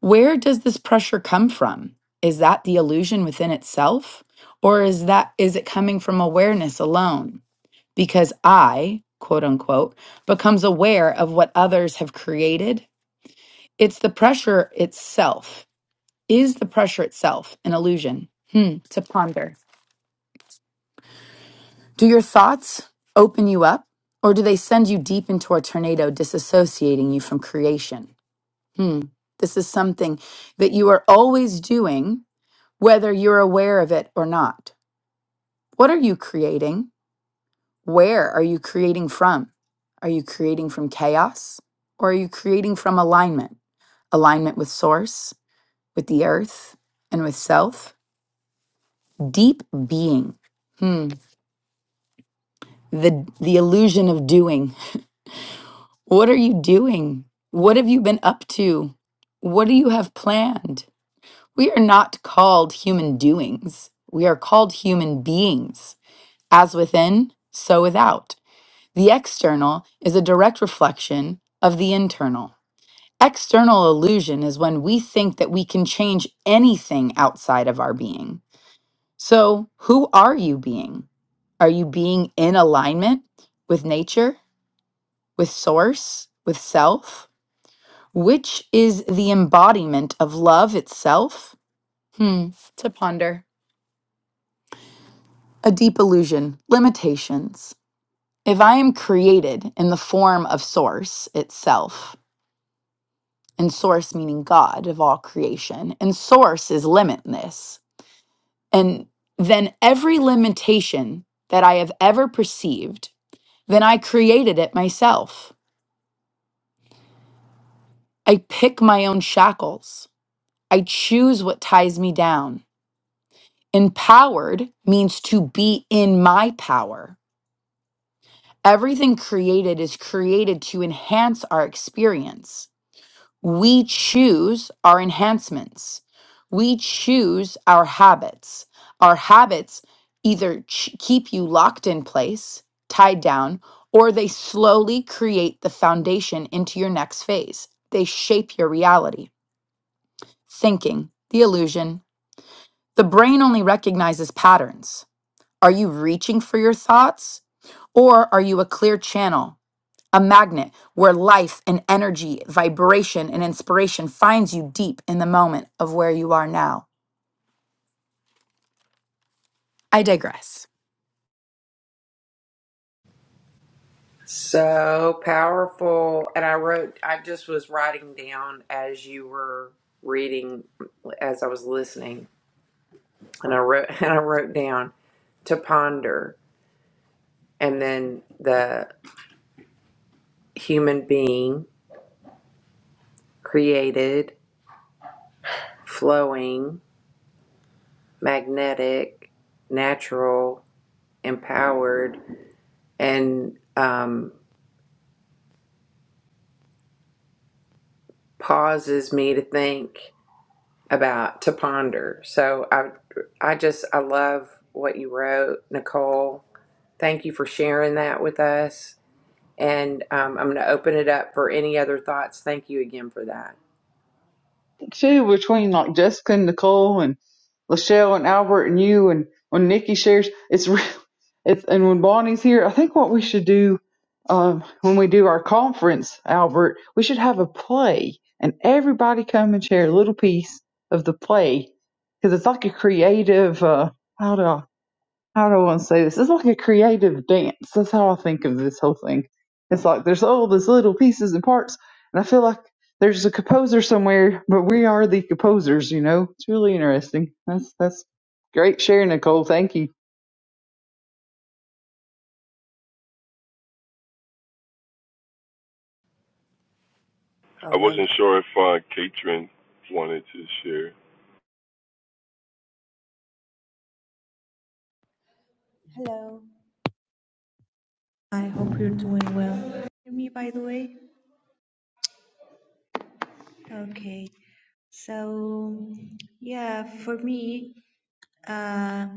[SPEAKER 6] Where does this pressure come from? Is that the illusion within itself, or is that is it coming from awareness alone? Because I, quote unquote, becomes aware of what others have created. It's the pressure itself Is the pressure itself an illusion? Hmm, to ponder. Do your thoughts open you up, or do they send you deep into a tornado, disassociating you from creation? Hmm, this is something that you are always doing, whether you're aware of it or not. What are you creating? Where are you creating from? Are you creating from chaos, or are you creating from alignment? Alignment with source, with the earth, and with self? Deep being. Hmm. the the illusion of doing. What are you doing? What have you been up to? What do you have planned? We are not called human doings. We are called human beings. As within, so without. The external is a direct reflection of the internal. External illusion is when we think that we can change anything outside of our being. So, who are you being? Are you being in alignment with nature? with source, with self, which is the embodiment of love itself? Hmm, to ponder. A deep illusion, limitations. If I am created in the form of source itself, and source meaning God of all creation, and source is limitless, and then every limitation that I have ever perceived, then I created it myself. I pick my own shackles. I choose what ties me down. Empowered means to be in my power. Everything created is created to enhance our experience. We choose our enhancements. We choose our habits. Our habits either ch- keep you locked in place, tied down, or they slowly create the foundation into your next phase. They shape your reality. Thinking, the illusion. The brain only recognizes patterns. Are you reaching for your thoughts? Or are you a clear channel, a magnet where life and energy, vibration and inspiration finds you deep in the moment of where you are now? I digress.
[SPEAKER 1] So powerful. And I wrote, I just was writing down as you were reading, as I was listening, and I wrote, *laughs* and I wrote down to ponder. and then the human being created, flowing, magnetic, natural, empowered, and um, pauses me to think about to ponder. So I, I just I love what you wrote, Nicole. Thank you for sharing that with us. And um, I'm going to open it up for any other thoughts. Thank you again for that.
[SPEAKER 2] too between like Jessica and Nicole and Lachelle and Albert and you and when Nikki shares it's re- it's and when Bonnie's here I think what we should do um, when we do our conference Albert we should have a play and everybody come and share a little piece of the play because it's like a creative uh, how do I how do I want to say this? It's like a creative dance. That's how I think of this whole thing. It's like there's all these little pieces and parts, and I feel like there's a composer somewhere, but we are the composers, you know. It's really interesting. That's that's great sharing, Nicole. Thank you.
[SPEAKER 3] I wasn't sure if uh, Katrin wanted to share.
[SPEAKER 7] Hello. I hope you're doing well. Hear me, by the way? Okay. So, yeah, for me, uh,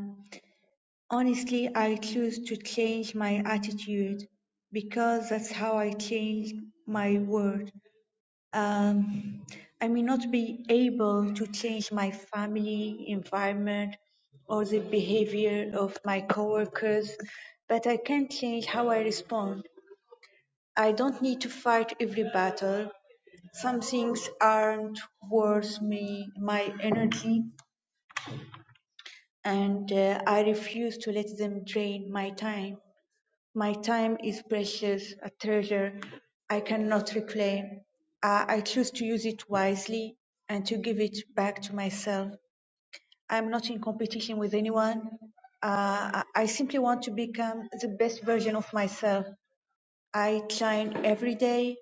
[SPEAKER 7] honestly, I choose to change my attitude because that's how I change my world. Um, I may not be able to change my family environment or the behavior of my coworkers, but I can change how I respond. I don't need to fight every battle. Some things aren't worth me my energy, and uh, I refuse to let them drain my time. My time is precious, a treasure I cannot reclaim. Uh, I choose to use it wisely and to give it back to myself. I'm not in competition with anyone. Uh, I I simply want to become the best version of myself. I train every day.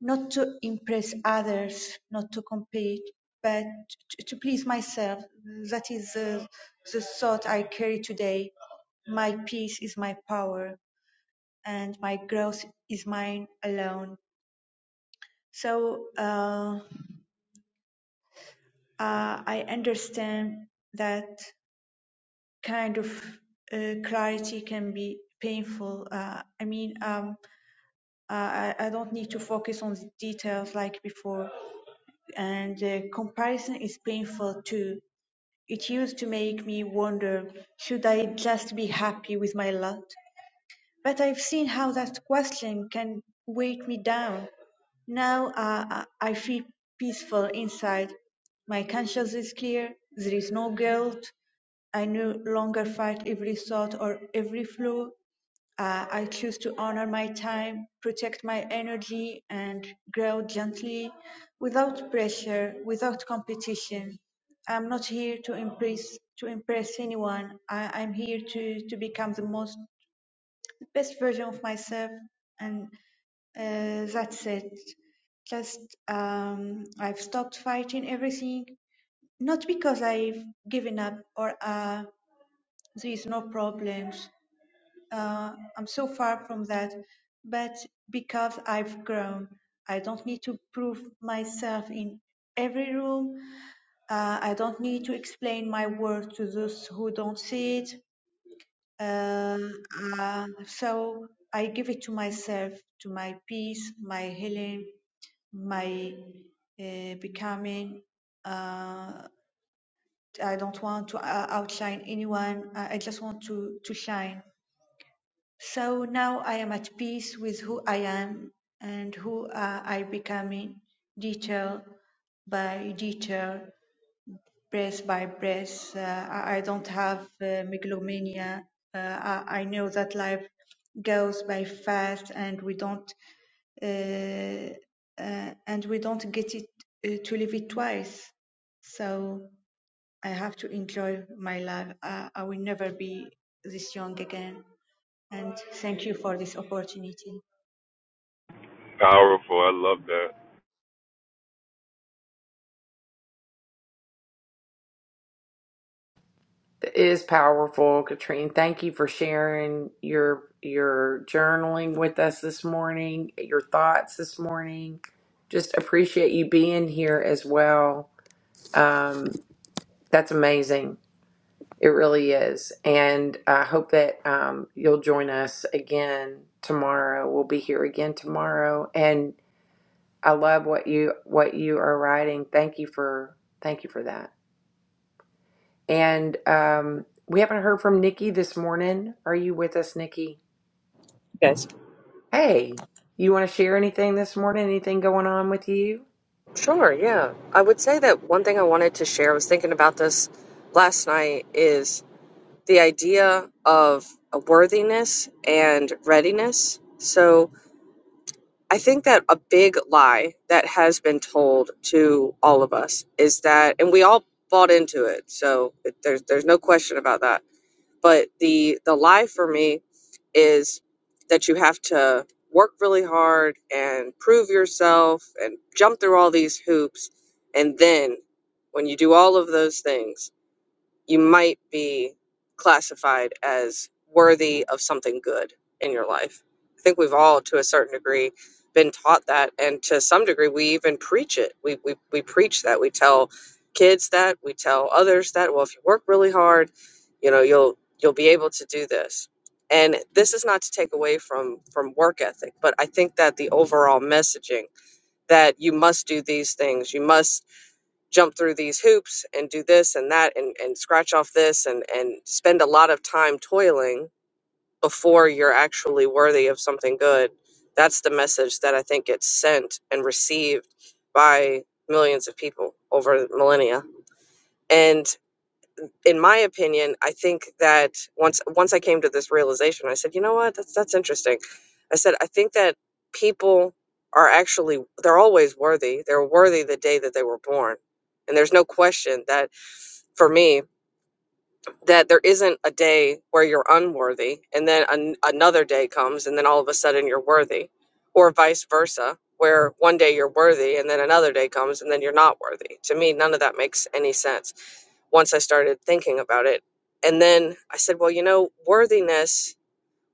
[SPEAKER 7] not to impress others, not to compete, but t- to please myself. That is the, the thought I carry today. My peace is my power, and my growth is mine alone. So uh, uh, I understand that kind of uh, clarity can be painful. Uh, I mean, um, uh, I, I don't need to focus on the details like before. and the comparison is painful too. It used to make me wonder, should I just be happy with my lot? But I've seen how that question can weight me down. Now uh, uh, I feel peaceful inside. My conscience is clear. There is no guilt. I no longer fight every thought or every flaw. Uh, I choose to honor my time, protect my energy, and grow gently without pressure, without competition. I'm not here to impress to impress anyone. I, I'm here to, to become the most best version of myself and uh, that's it just um, i've stopped fighting everything not because i've given up or uh, there's no problems uh, i'm so far from that but because i've grown i don't need to prove myself in every room uh, i don't need to explain my work to those who don't see it uh, uh, so I give it to myself, to my peace, my healing, my uh, becoming. Uh, I don't want to uh, outshine anyone. I I just want to, to shine. So now I am at peace with who I am and who uh, I becoming, detail by detail breath by breath. Uh, I, I don't have uh, megalomania. Uh, I, I know that life goes by fast, and we don't uh, uh, and we don't get it uh, to live it twice. So I have to enjoy my life. I, I will never be this young again. And thank you for this opportunity.
[SPEAKER 3] Powerful. I love that.
[SPEAKER 1] It is powerful, Katrine. Thank you for sharing your your journaling with us this morning, your thoughts this morning. Just appreciate you being here as well. Um, that's amazing. It really is, and I hope that um, you'll join us again tomorrow. We'll be here again tomorrow, and I love what you what you are writing. Thank you for thank you for that. And um, we haven't heard from Nikki this morning. Are you with us, Nikki?
[SPEAKER 8] guys.
[SPEAKER 1] Hey, you want to share anything this morning? Anything going on with you?
[SPEAKER 8] Sure, yeah. I would say that one thing I wanted to share, I was thinking about this last night, is the idea of a worthiness and readiness. So I think that a big lie that has been told to all of us is that, and we all bought into it, so it, there's, there's no question about that But the the lie for me is that you have to work really hard and prove yourself and jump through all these hoops and then when you do all of those things you might be classified as worthy of something good in your life. I think we've all, to a certain degree, been taught that, and to some degree, we even preach it. We we we preach that. We tell kids that. We tell others that. Well, if you work really hard, you know you'll you'll be able to do this. And this is not to take away from from work ethic, but I think that the overall messaging that you must do these things, you must jump through these hoops and do this and that and, and scratch off this and, and spend a lot of time toiling before you're actually worthy of something good. That's the message that I think gets sent and received by millions of people over millennia. And in my opinion, I think that once once I came to this realization, I said, you know what, that's that's interesting. I said, I think that people are actually they're always worthy. They're worthy the day that they were born and there's no question that for me that there isn't a day where you're unworthy and then an, another day comes and then all of a sudden you're worthy or vice versa where one day you're worthy and then another day comes and then you're not worthy to me none of that makes any sense once i started thinking about it and then i said well you know worthiness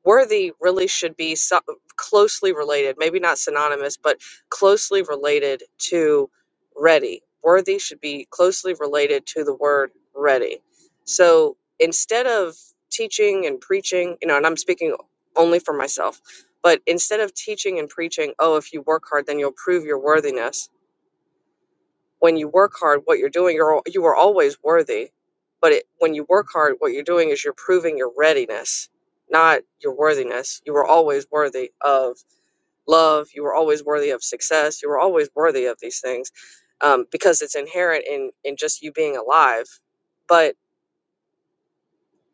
[SPEAKER 8] worthy really should be so- closely related, maybe not synonymous, but closely related to ready. Worthy should be closely related to the word ready. So instead of teaching and preaching, you know, and I'm speaking only for myself, but instead of teaching and preaching, oh, if you work hard, then you'll prove your worthiness when you work hard, what you're doing, you're al- you are always worthy. But it, when you work hard, what you're doing is you're proving your readiness, not your worthiness. You were always worthy of love. You were always worthy of success. You were always worthy of these things, um, because it's inherent in in just you being alive. But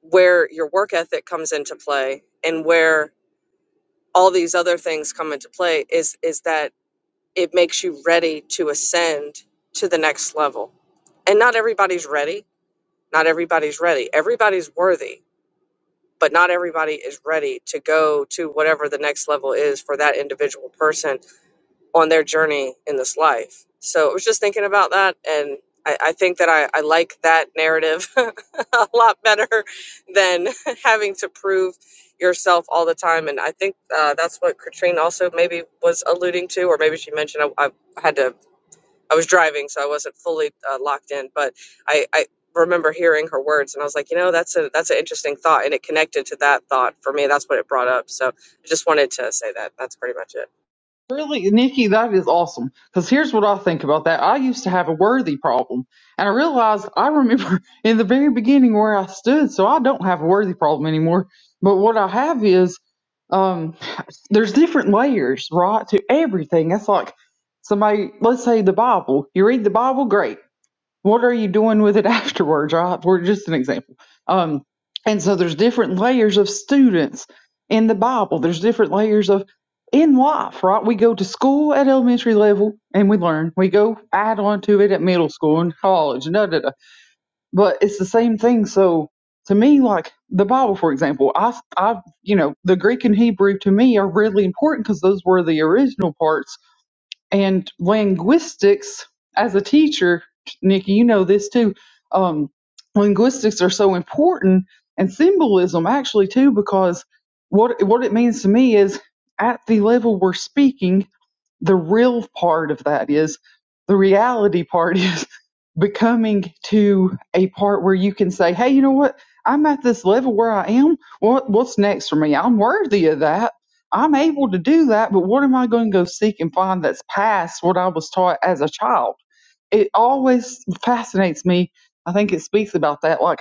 [SPEAKER 8] where your work ethic comes into play, and where all these other things come into play, is is that it makes you ready to ascend to the next level. And not everybody's ready Not everybody's ready. Everybody's worthy, but not everybody is ready to go to whatever the next level is for that individual person on their journey in this life. So I was just thinking about that and I, I think that I, I like that narrative *laughs* a lot better than *laughs* having to prove yourself all the time. And I think uh, that's what Katrine also maybe was alluding to, or maybe she mentioned. I, I had to I was driving, so I wasn't fully uh, locked in, but I, I remember hearing her words, and I was like, you know, that's a that's an interesting thought, and it connected to that thought for me. That's what it brought up. So I just wanted to say that. That's pretty much it.
[SPEAKER 2] Really, Nikki, that is awesome. Because here's what I think about that. I used to have a worthy problem, and I realized I remember *laughs* in the very beginning where I stood, so I don't have a worthy problem anymore. But what I have is um. there's different layers, right, to everything. That's like somebody, let's say the Bible. You read the Bible, great. What are you doing with it *laughs* afterwards, right? We're just an example. Um, and so there's different layers of students in the Bible. There's different layers of in life, right? We go to school at elementary level and we learn. We go add on to it at middle school and college but it's the same thing. So to me, like the Bible, for example, I, I, you know, the Greek and Hebrew to me are really important because those were the original parts. And linguistics, as a teacher, Nikki, you know this too. Um, linguistics are so important, and symbolism actually too, because what what it means to me is at the level we're speaking the real part of that is the reality part is *laughs* becoming to a part where you can say, Hey, you know what? I'm at this level where I am. What what's next for me? I'm worthy of that. I'm able to do that, but what am I going to go seek and find that's past what I was taught as a child? It always fascinates me. I think it speaks about that. Like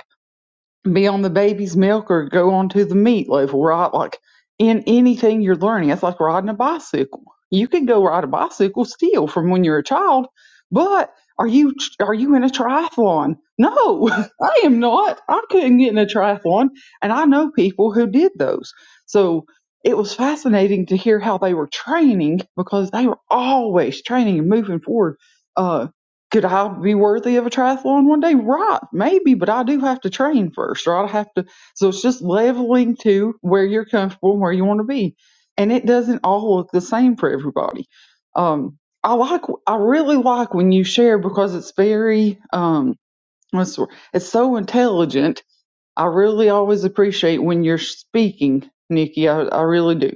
[SPEAKER 2] be on the baby's milk or go on to the meat level, right? Like in anything you're learning, it's like riding a bicycle. You could go ride a bicycle still from when you're a child, but are you are you in a triathlon? No, *laughs* I am not. I couldn't get in a triathlon, and I know people who did those. So it was fascinating to hear how they were training because they were always training and moving forward. Uh, could I be worthy of a triathlon one day? Right, maybe, but I do have to train first, or i have to. So it's just leveling to where you're comfortable, and where you want to be, and it doesn't all look the same for everybody. Um, I like, I really like when you share because it's very, um, what's the word? it's so intelligent. I really always appreciate when you're speaking, Nikki. I, I really do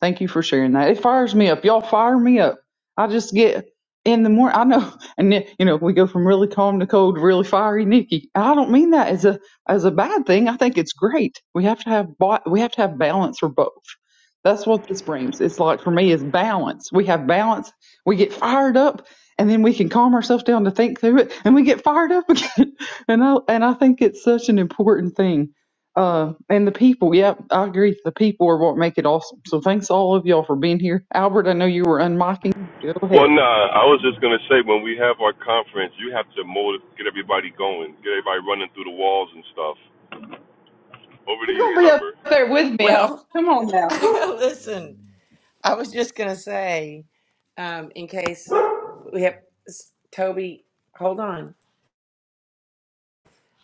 [SPEAKER 2] Thank you for sharing that. It fires me up. Y'all fire me up. I just get in the morning. I know, *laughs* and then, you know, we go from really calm to cold, to really fiery, Nikki. I don't mean that as a as a bad thing. I think it's great. We have to have ba- we have to have balance for both. That's what this brings. It's like for me, it's balance. We have balance. We get fired up, and then we can calm ourselves down to think through it, and we get fired up *laughs* again. and I and I think it's such an important thing uh, and the people, yep, I agree. The people are what make it awesome. So thanks to all of y'all for being here. Albert, I know you were unmocking. Go
[SPEAKER 3] Well,
[SPEAKER 2] ahead.
[SPEAKER 3] nah, I was just gonna say when we have our conference, you have to motive, get everybody going, get everybody running through the walls and stuff. Over to
[SPEAKER 2] You're
[SPEAKER 3] you,
[SPEAKER 2] gonna be up
[SPEAKER 3] Summer.
[SPEAKER 2] there with me, Albert.
[SPEAKER 1] Well,
[SPEAKER 2] Come on now.
[SPEAKER 1] *laughs* listen, I was just going to say, um, in case we have Toby, hold on.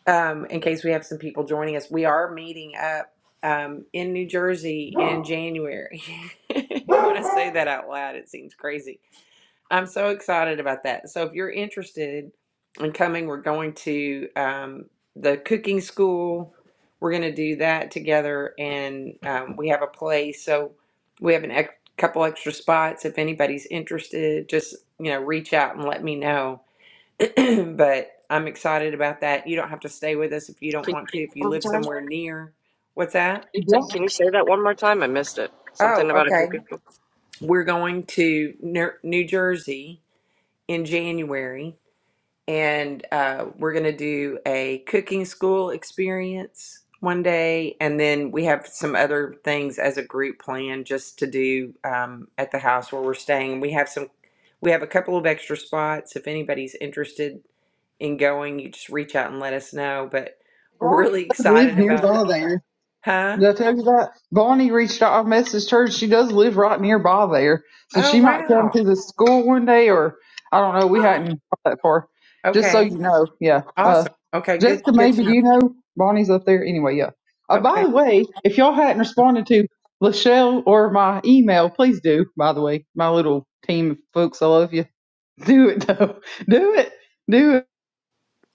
[SPEAKER 1] Um, in case we have some people joining us, we are meeting up um, in New Jersey in *gasps* January. *laughs* You want to say that out loud, it seems crazy. I'm so excited about that. So if you're interested in coming, we're going to um, the cooking school. We're going to do that together, and um, we have a place. So we have an ex- couple extra spots. If anybody's interested, just you know, reach out and let me know. *clears throat* but I'm excited about that. You don't have to stay with us if you
[SPEAKER 8] Can
[SPEAKER 1] don't want to.
[SPEAKER 8] you,
[SPEAKER 1] If you
[SPEAKER 8] one more
[SPEAKER 1] live
[SPEAKER 8] time? Can
[SPEAKER 1] somewhere near, what's that?
[SPEAKER 8] you say
[SPEAKER 2] Bron
[SPEAKER 8] can you say that one more time? I missed it.
[SPEAKER 1] Oh,
[SPEAKER 8] Something about a
[SPEAKER 1] okay.
[SPEAKER 8] cookie.
[SPEAKER 1] We're going to Ner- New Jersey in January and uh, we're going to do a cooking school experience one day and then we have some other things as a group plan just to do um, at the house where we're staying we have some we have a couple of extra spots if anybody's interested in going you just reach out and let us know but we're
[SPEAKER 2] Bron
[SPEAKER 1] really
[SPEAKER 2] does live
[SPEAKER 1] excited about that
[SPEAKER 2] nearby there.
[SPEAKER 1] huh
[SPEAKER 2] Did I tell you that? Bonnie reached out. I messaged her. She does live right nearby there. So
[SPEAKER 1] oh
[SPEAKER 2] she might come
[SPEAKER 1] wow
[SPEAKER 2] to the school one day or I don't know. We hadn't thought that far. Just so
[SPEAKER 1] okay
[SPEAKER 2] you know. Yeah. Uh,
[SPEAKER 1] awesome okay good
[SPEAKER 2] Jessica,
[SPEAKER 1] good
[SPEAKER 2] maybe
[SPEAKER 1] to
[SPEAKER 2] do
[SPEAKER 1] know
[SPEAKER 2] you know Bonnie's up there? Anyway, yeah. Uh,
[SPEAKER 1] Okay.
[SPEAKER 2] by the way, if y'all hadn't responded to Lachelle or my email, please do. By the way, my little team of folks, I love you. *laughs* Do it, though. Do it. Do it.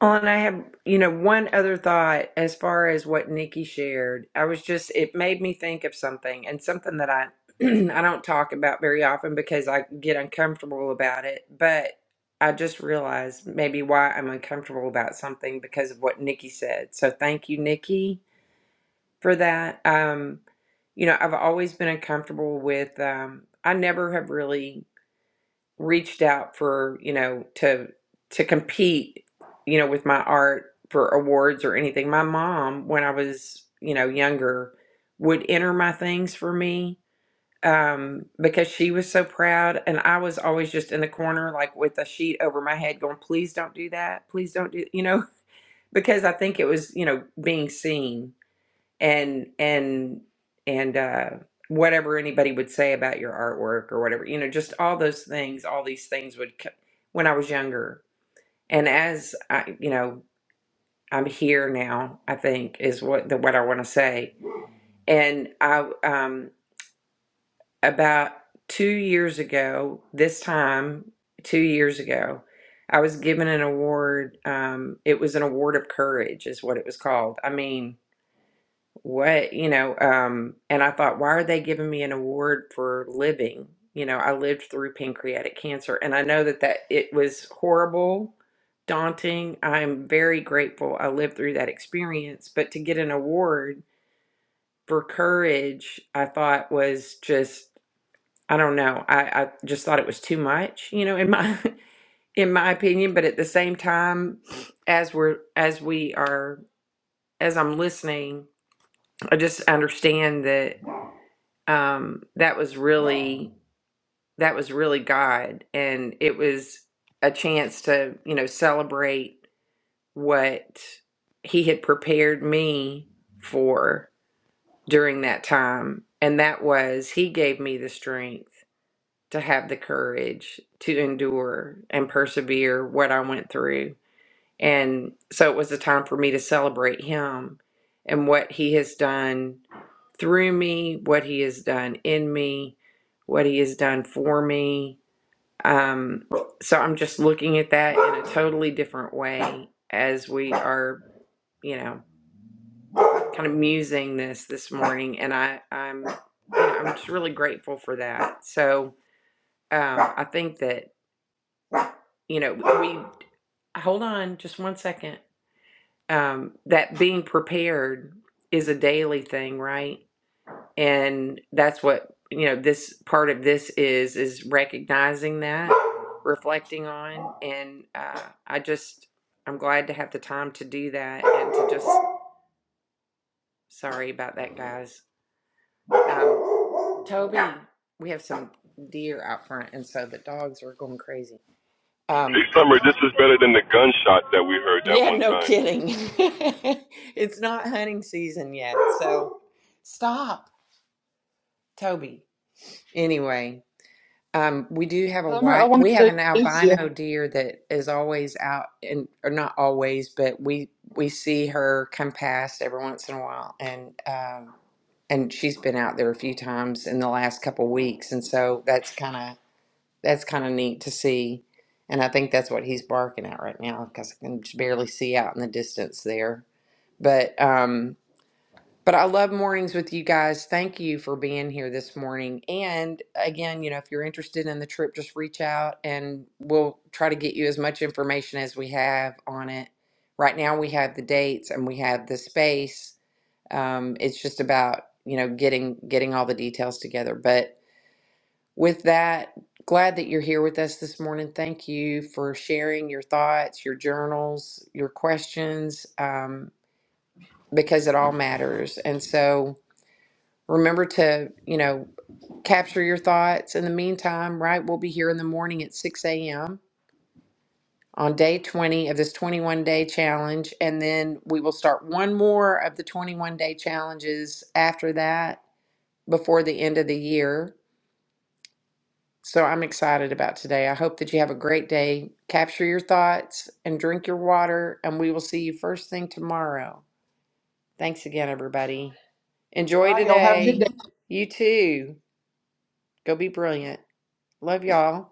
[SPEAKER 1] Well, and I have, you know, one other thought as far as what Nikki shared. I was just, it made me think of something and something that I, *clears throat* I don't talk about very often because I get uncomfortable about it. But I just realized maybe why I'm uncomfortable about something because of what Nikki said. So thank you, Nikki, for that. Um, you know, I've always been uncomfortable with, um, I never have really reached out for you know to to compete you know with my art for awards or anything my mom when i was you know younger would enter my things for me um because she was so proud and i was always just in the corner like with a sheet over my head going please don't do that please don't do you know *laughs* because i think it was you know being seen and and and uh whatever anybody would say about your artwork or whatever you know just all those things all these things would co- when i was younger and as i you know i'm here now i think is what the what i want to say and i um about 2 years ago this time 2 years ago i was given an award um it was an award of courage is what it was called i mean what you know um and i thought why are they giving me an award for living you know i lived through pancreatic cancer and i know that that it was horrible daunting i'm very grateful i lived through that experience but to get an award for courage i thought was just i don't know i, I just thought it was too much you know in my *laughs* in my opinion but at the same time as we're as we are as i'm listening i just understand that um, that was really that was really God, and it was a chance to you know celebrate what He had prepared me for during that time, and that was He gave me the strength to have the courage to endure and persevere what I went through, and so it was a time for me to celebrate Him and what He has done through me, what he has done in me, what he has done for me. Um, so I'm just looking at that in a totally different way as we are, you know, kind of musing this this morning, and I I'm you know, I'm just really grateful for that. So um, I think that you know we hold on just one second. Um, that being prepared is a daily thing, right? and that's what you know this part of this is is recognizing that reflecting on and uh, i just i'm glad to have the time to do that and to just sorry about that guys um, toby we have some deer out front and so the dogs are going crazy
[SPEAKER 3] Hey,
[SPEAKER 1] um,
[SPEAKER 3] Summer, this is better than the gunshot that we heard that
[SPEAKER 1] yeah
[SPEAKER 3] one
[SPEAKER 1] no
[SPEAKER 3] time.
[SPEAKER 1] kidding *laughs* it's not hunting season yet so stop toby anyway Um, we do have a
[SPEAKER 2] Summer, I
[SPEAKER 1] white,
[SPEAKER 2] wanted
[SPEAKER 1] we have
[SPEAKER 2] to
[SPEAKER 1] an
[SPEAKER 2] introduce you.
[SPEAKER 1] albino deer that is always out and or not always, but we we see her come past every once in a while and um and she's been out there a few times in the last couple weeks and so that's kind of that's kind of neat to see. And I think that's what he's barking at right now because I can just barely see out in the distance there. But um but I love mornings with you guys. Thank you for being here this morning. And again, you know, if you're interested in the trip, just reach out and we'll try to get you as much information as we have on it. Right now, we have the dates and we have the space. Um, it's just about you know getting getting all the details together. But with that, glad that you're here with us this morning. Thank you for sharing your thoughts, your journals, your questions, um, because it all matters. And so. Remember to, you know, capture your thoughts. In the meantime, right, we'll be here in the morning at 6 a.m. on day 20 of this 21 day challenge. And then we will start one more of the 21 day challenges after that before the end of the year. So I'm excited about today. I hope that you have a great day. Capture your thoughts and drink your water. And we will see you first thing tomorrow. Thanks again, everybody. Enjoy
[SPEAKER 2] Bye, y'all. Have a good day.
[SPEAKER 1] today. You too. Go be brilliant. Love y'all.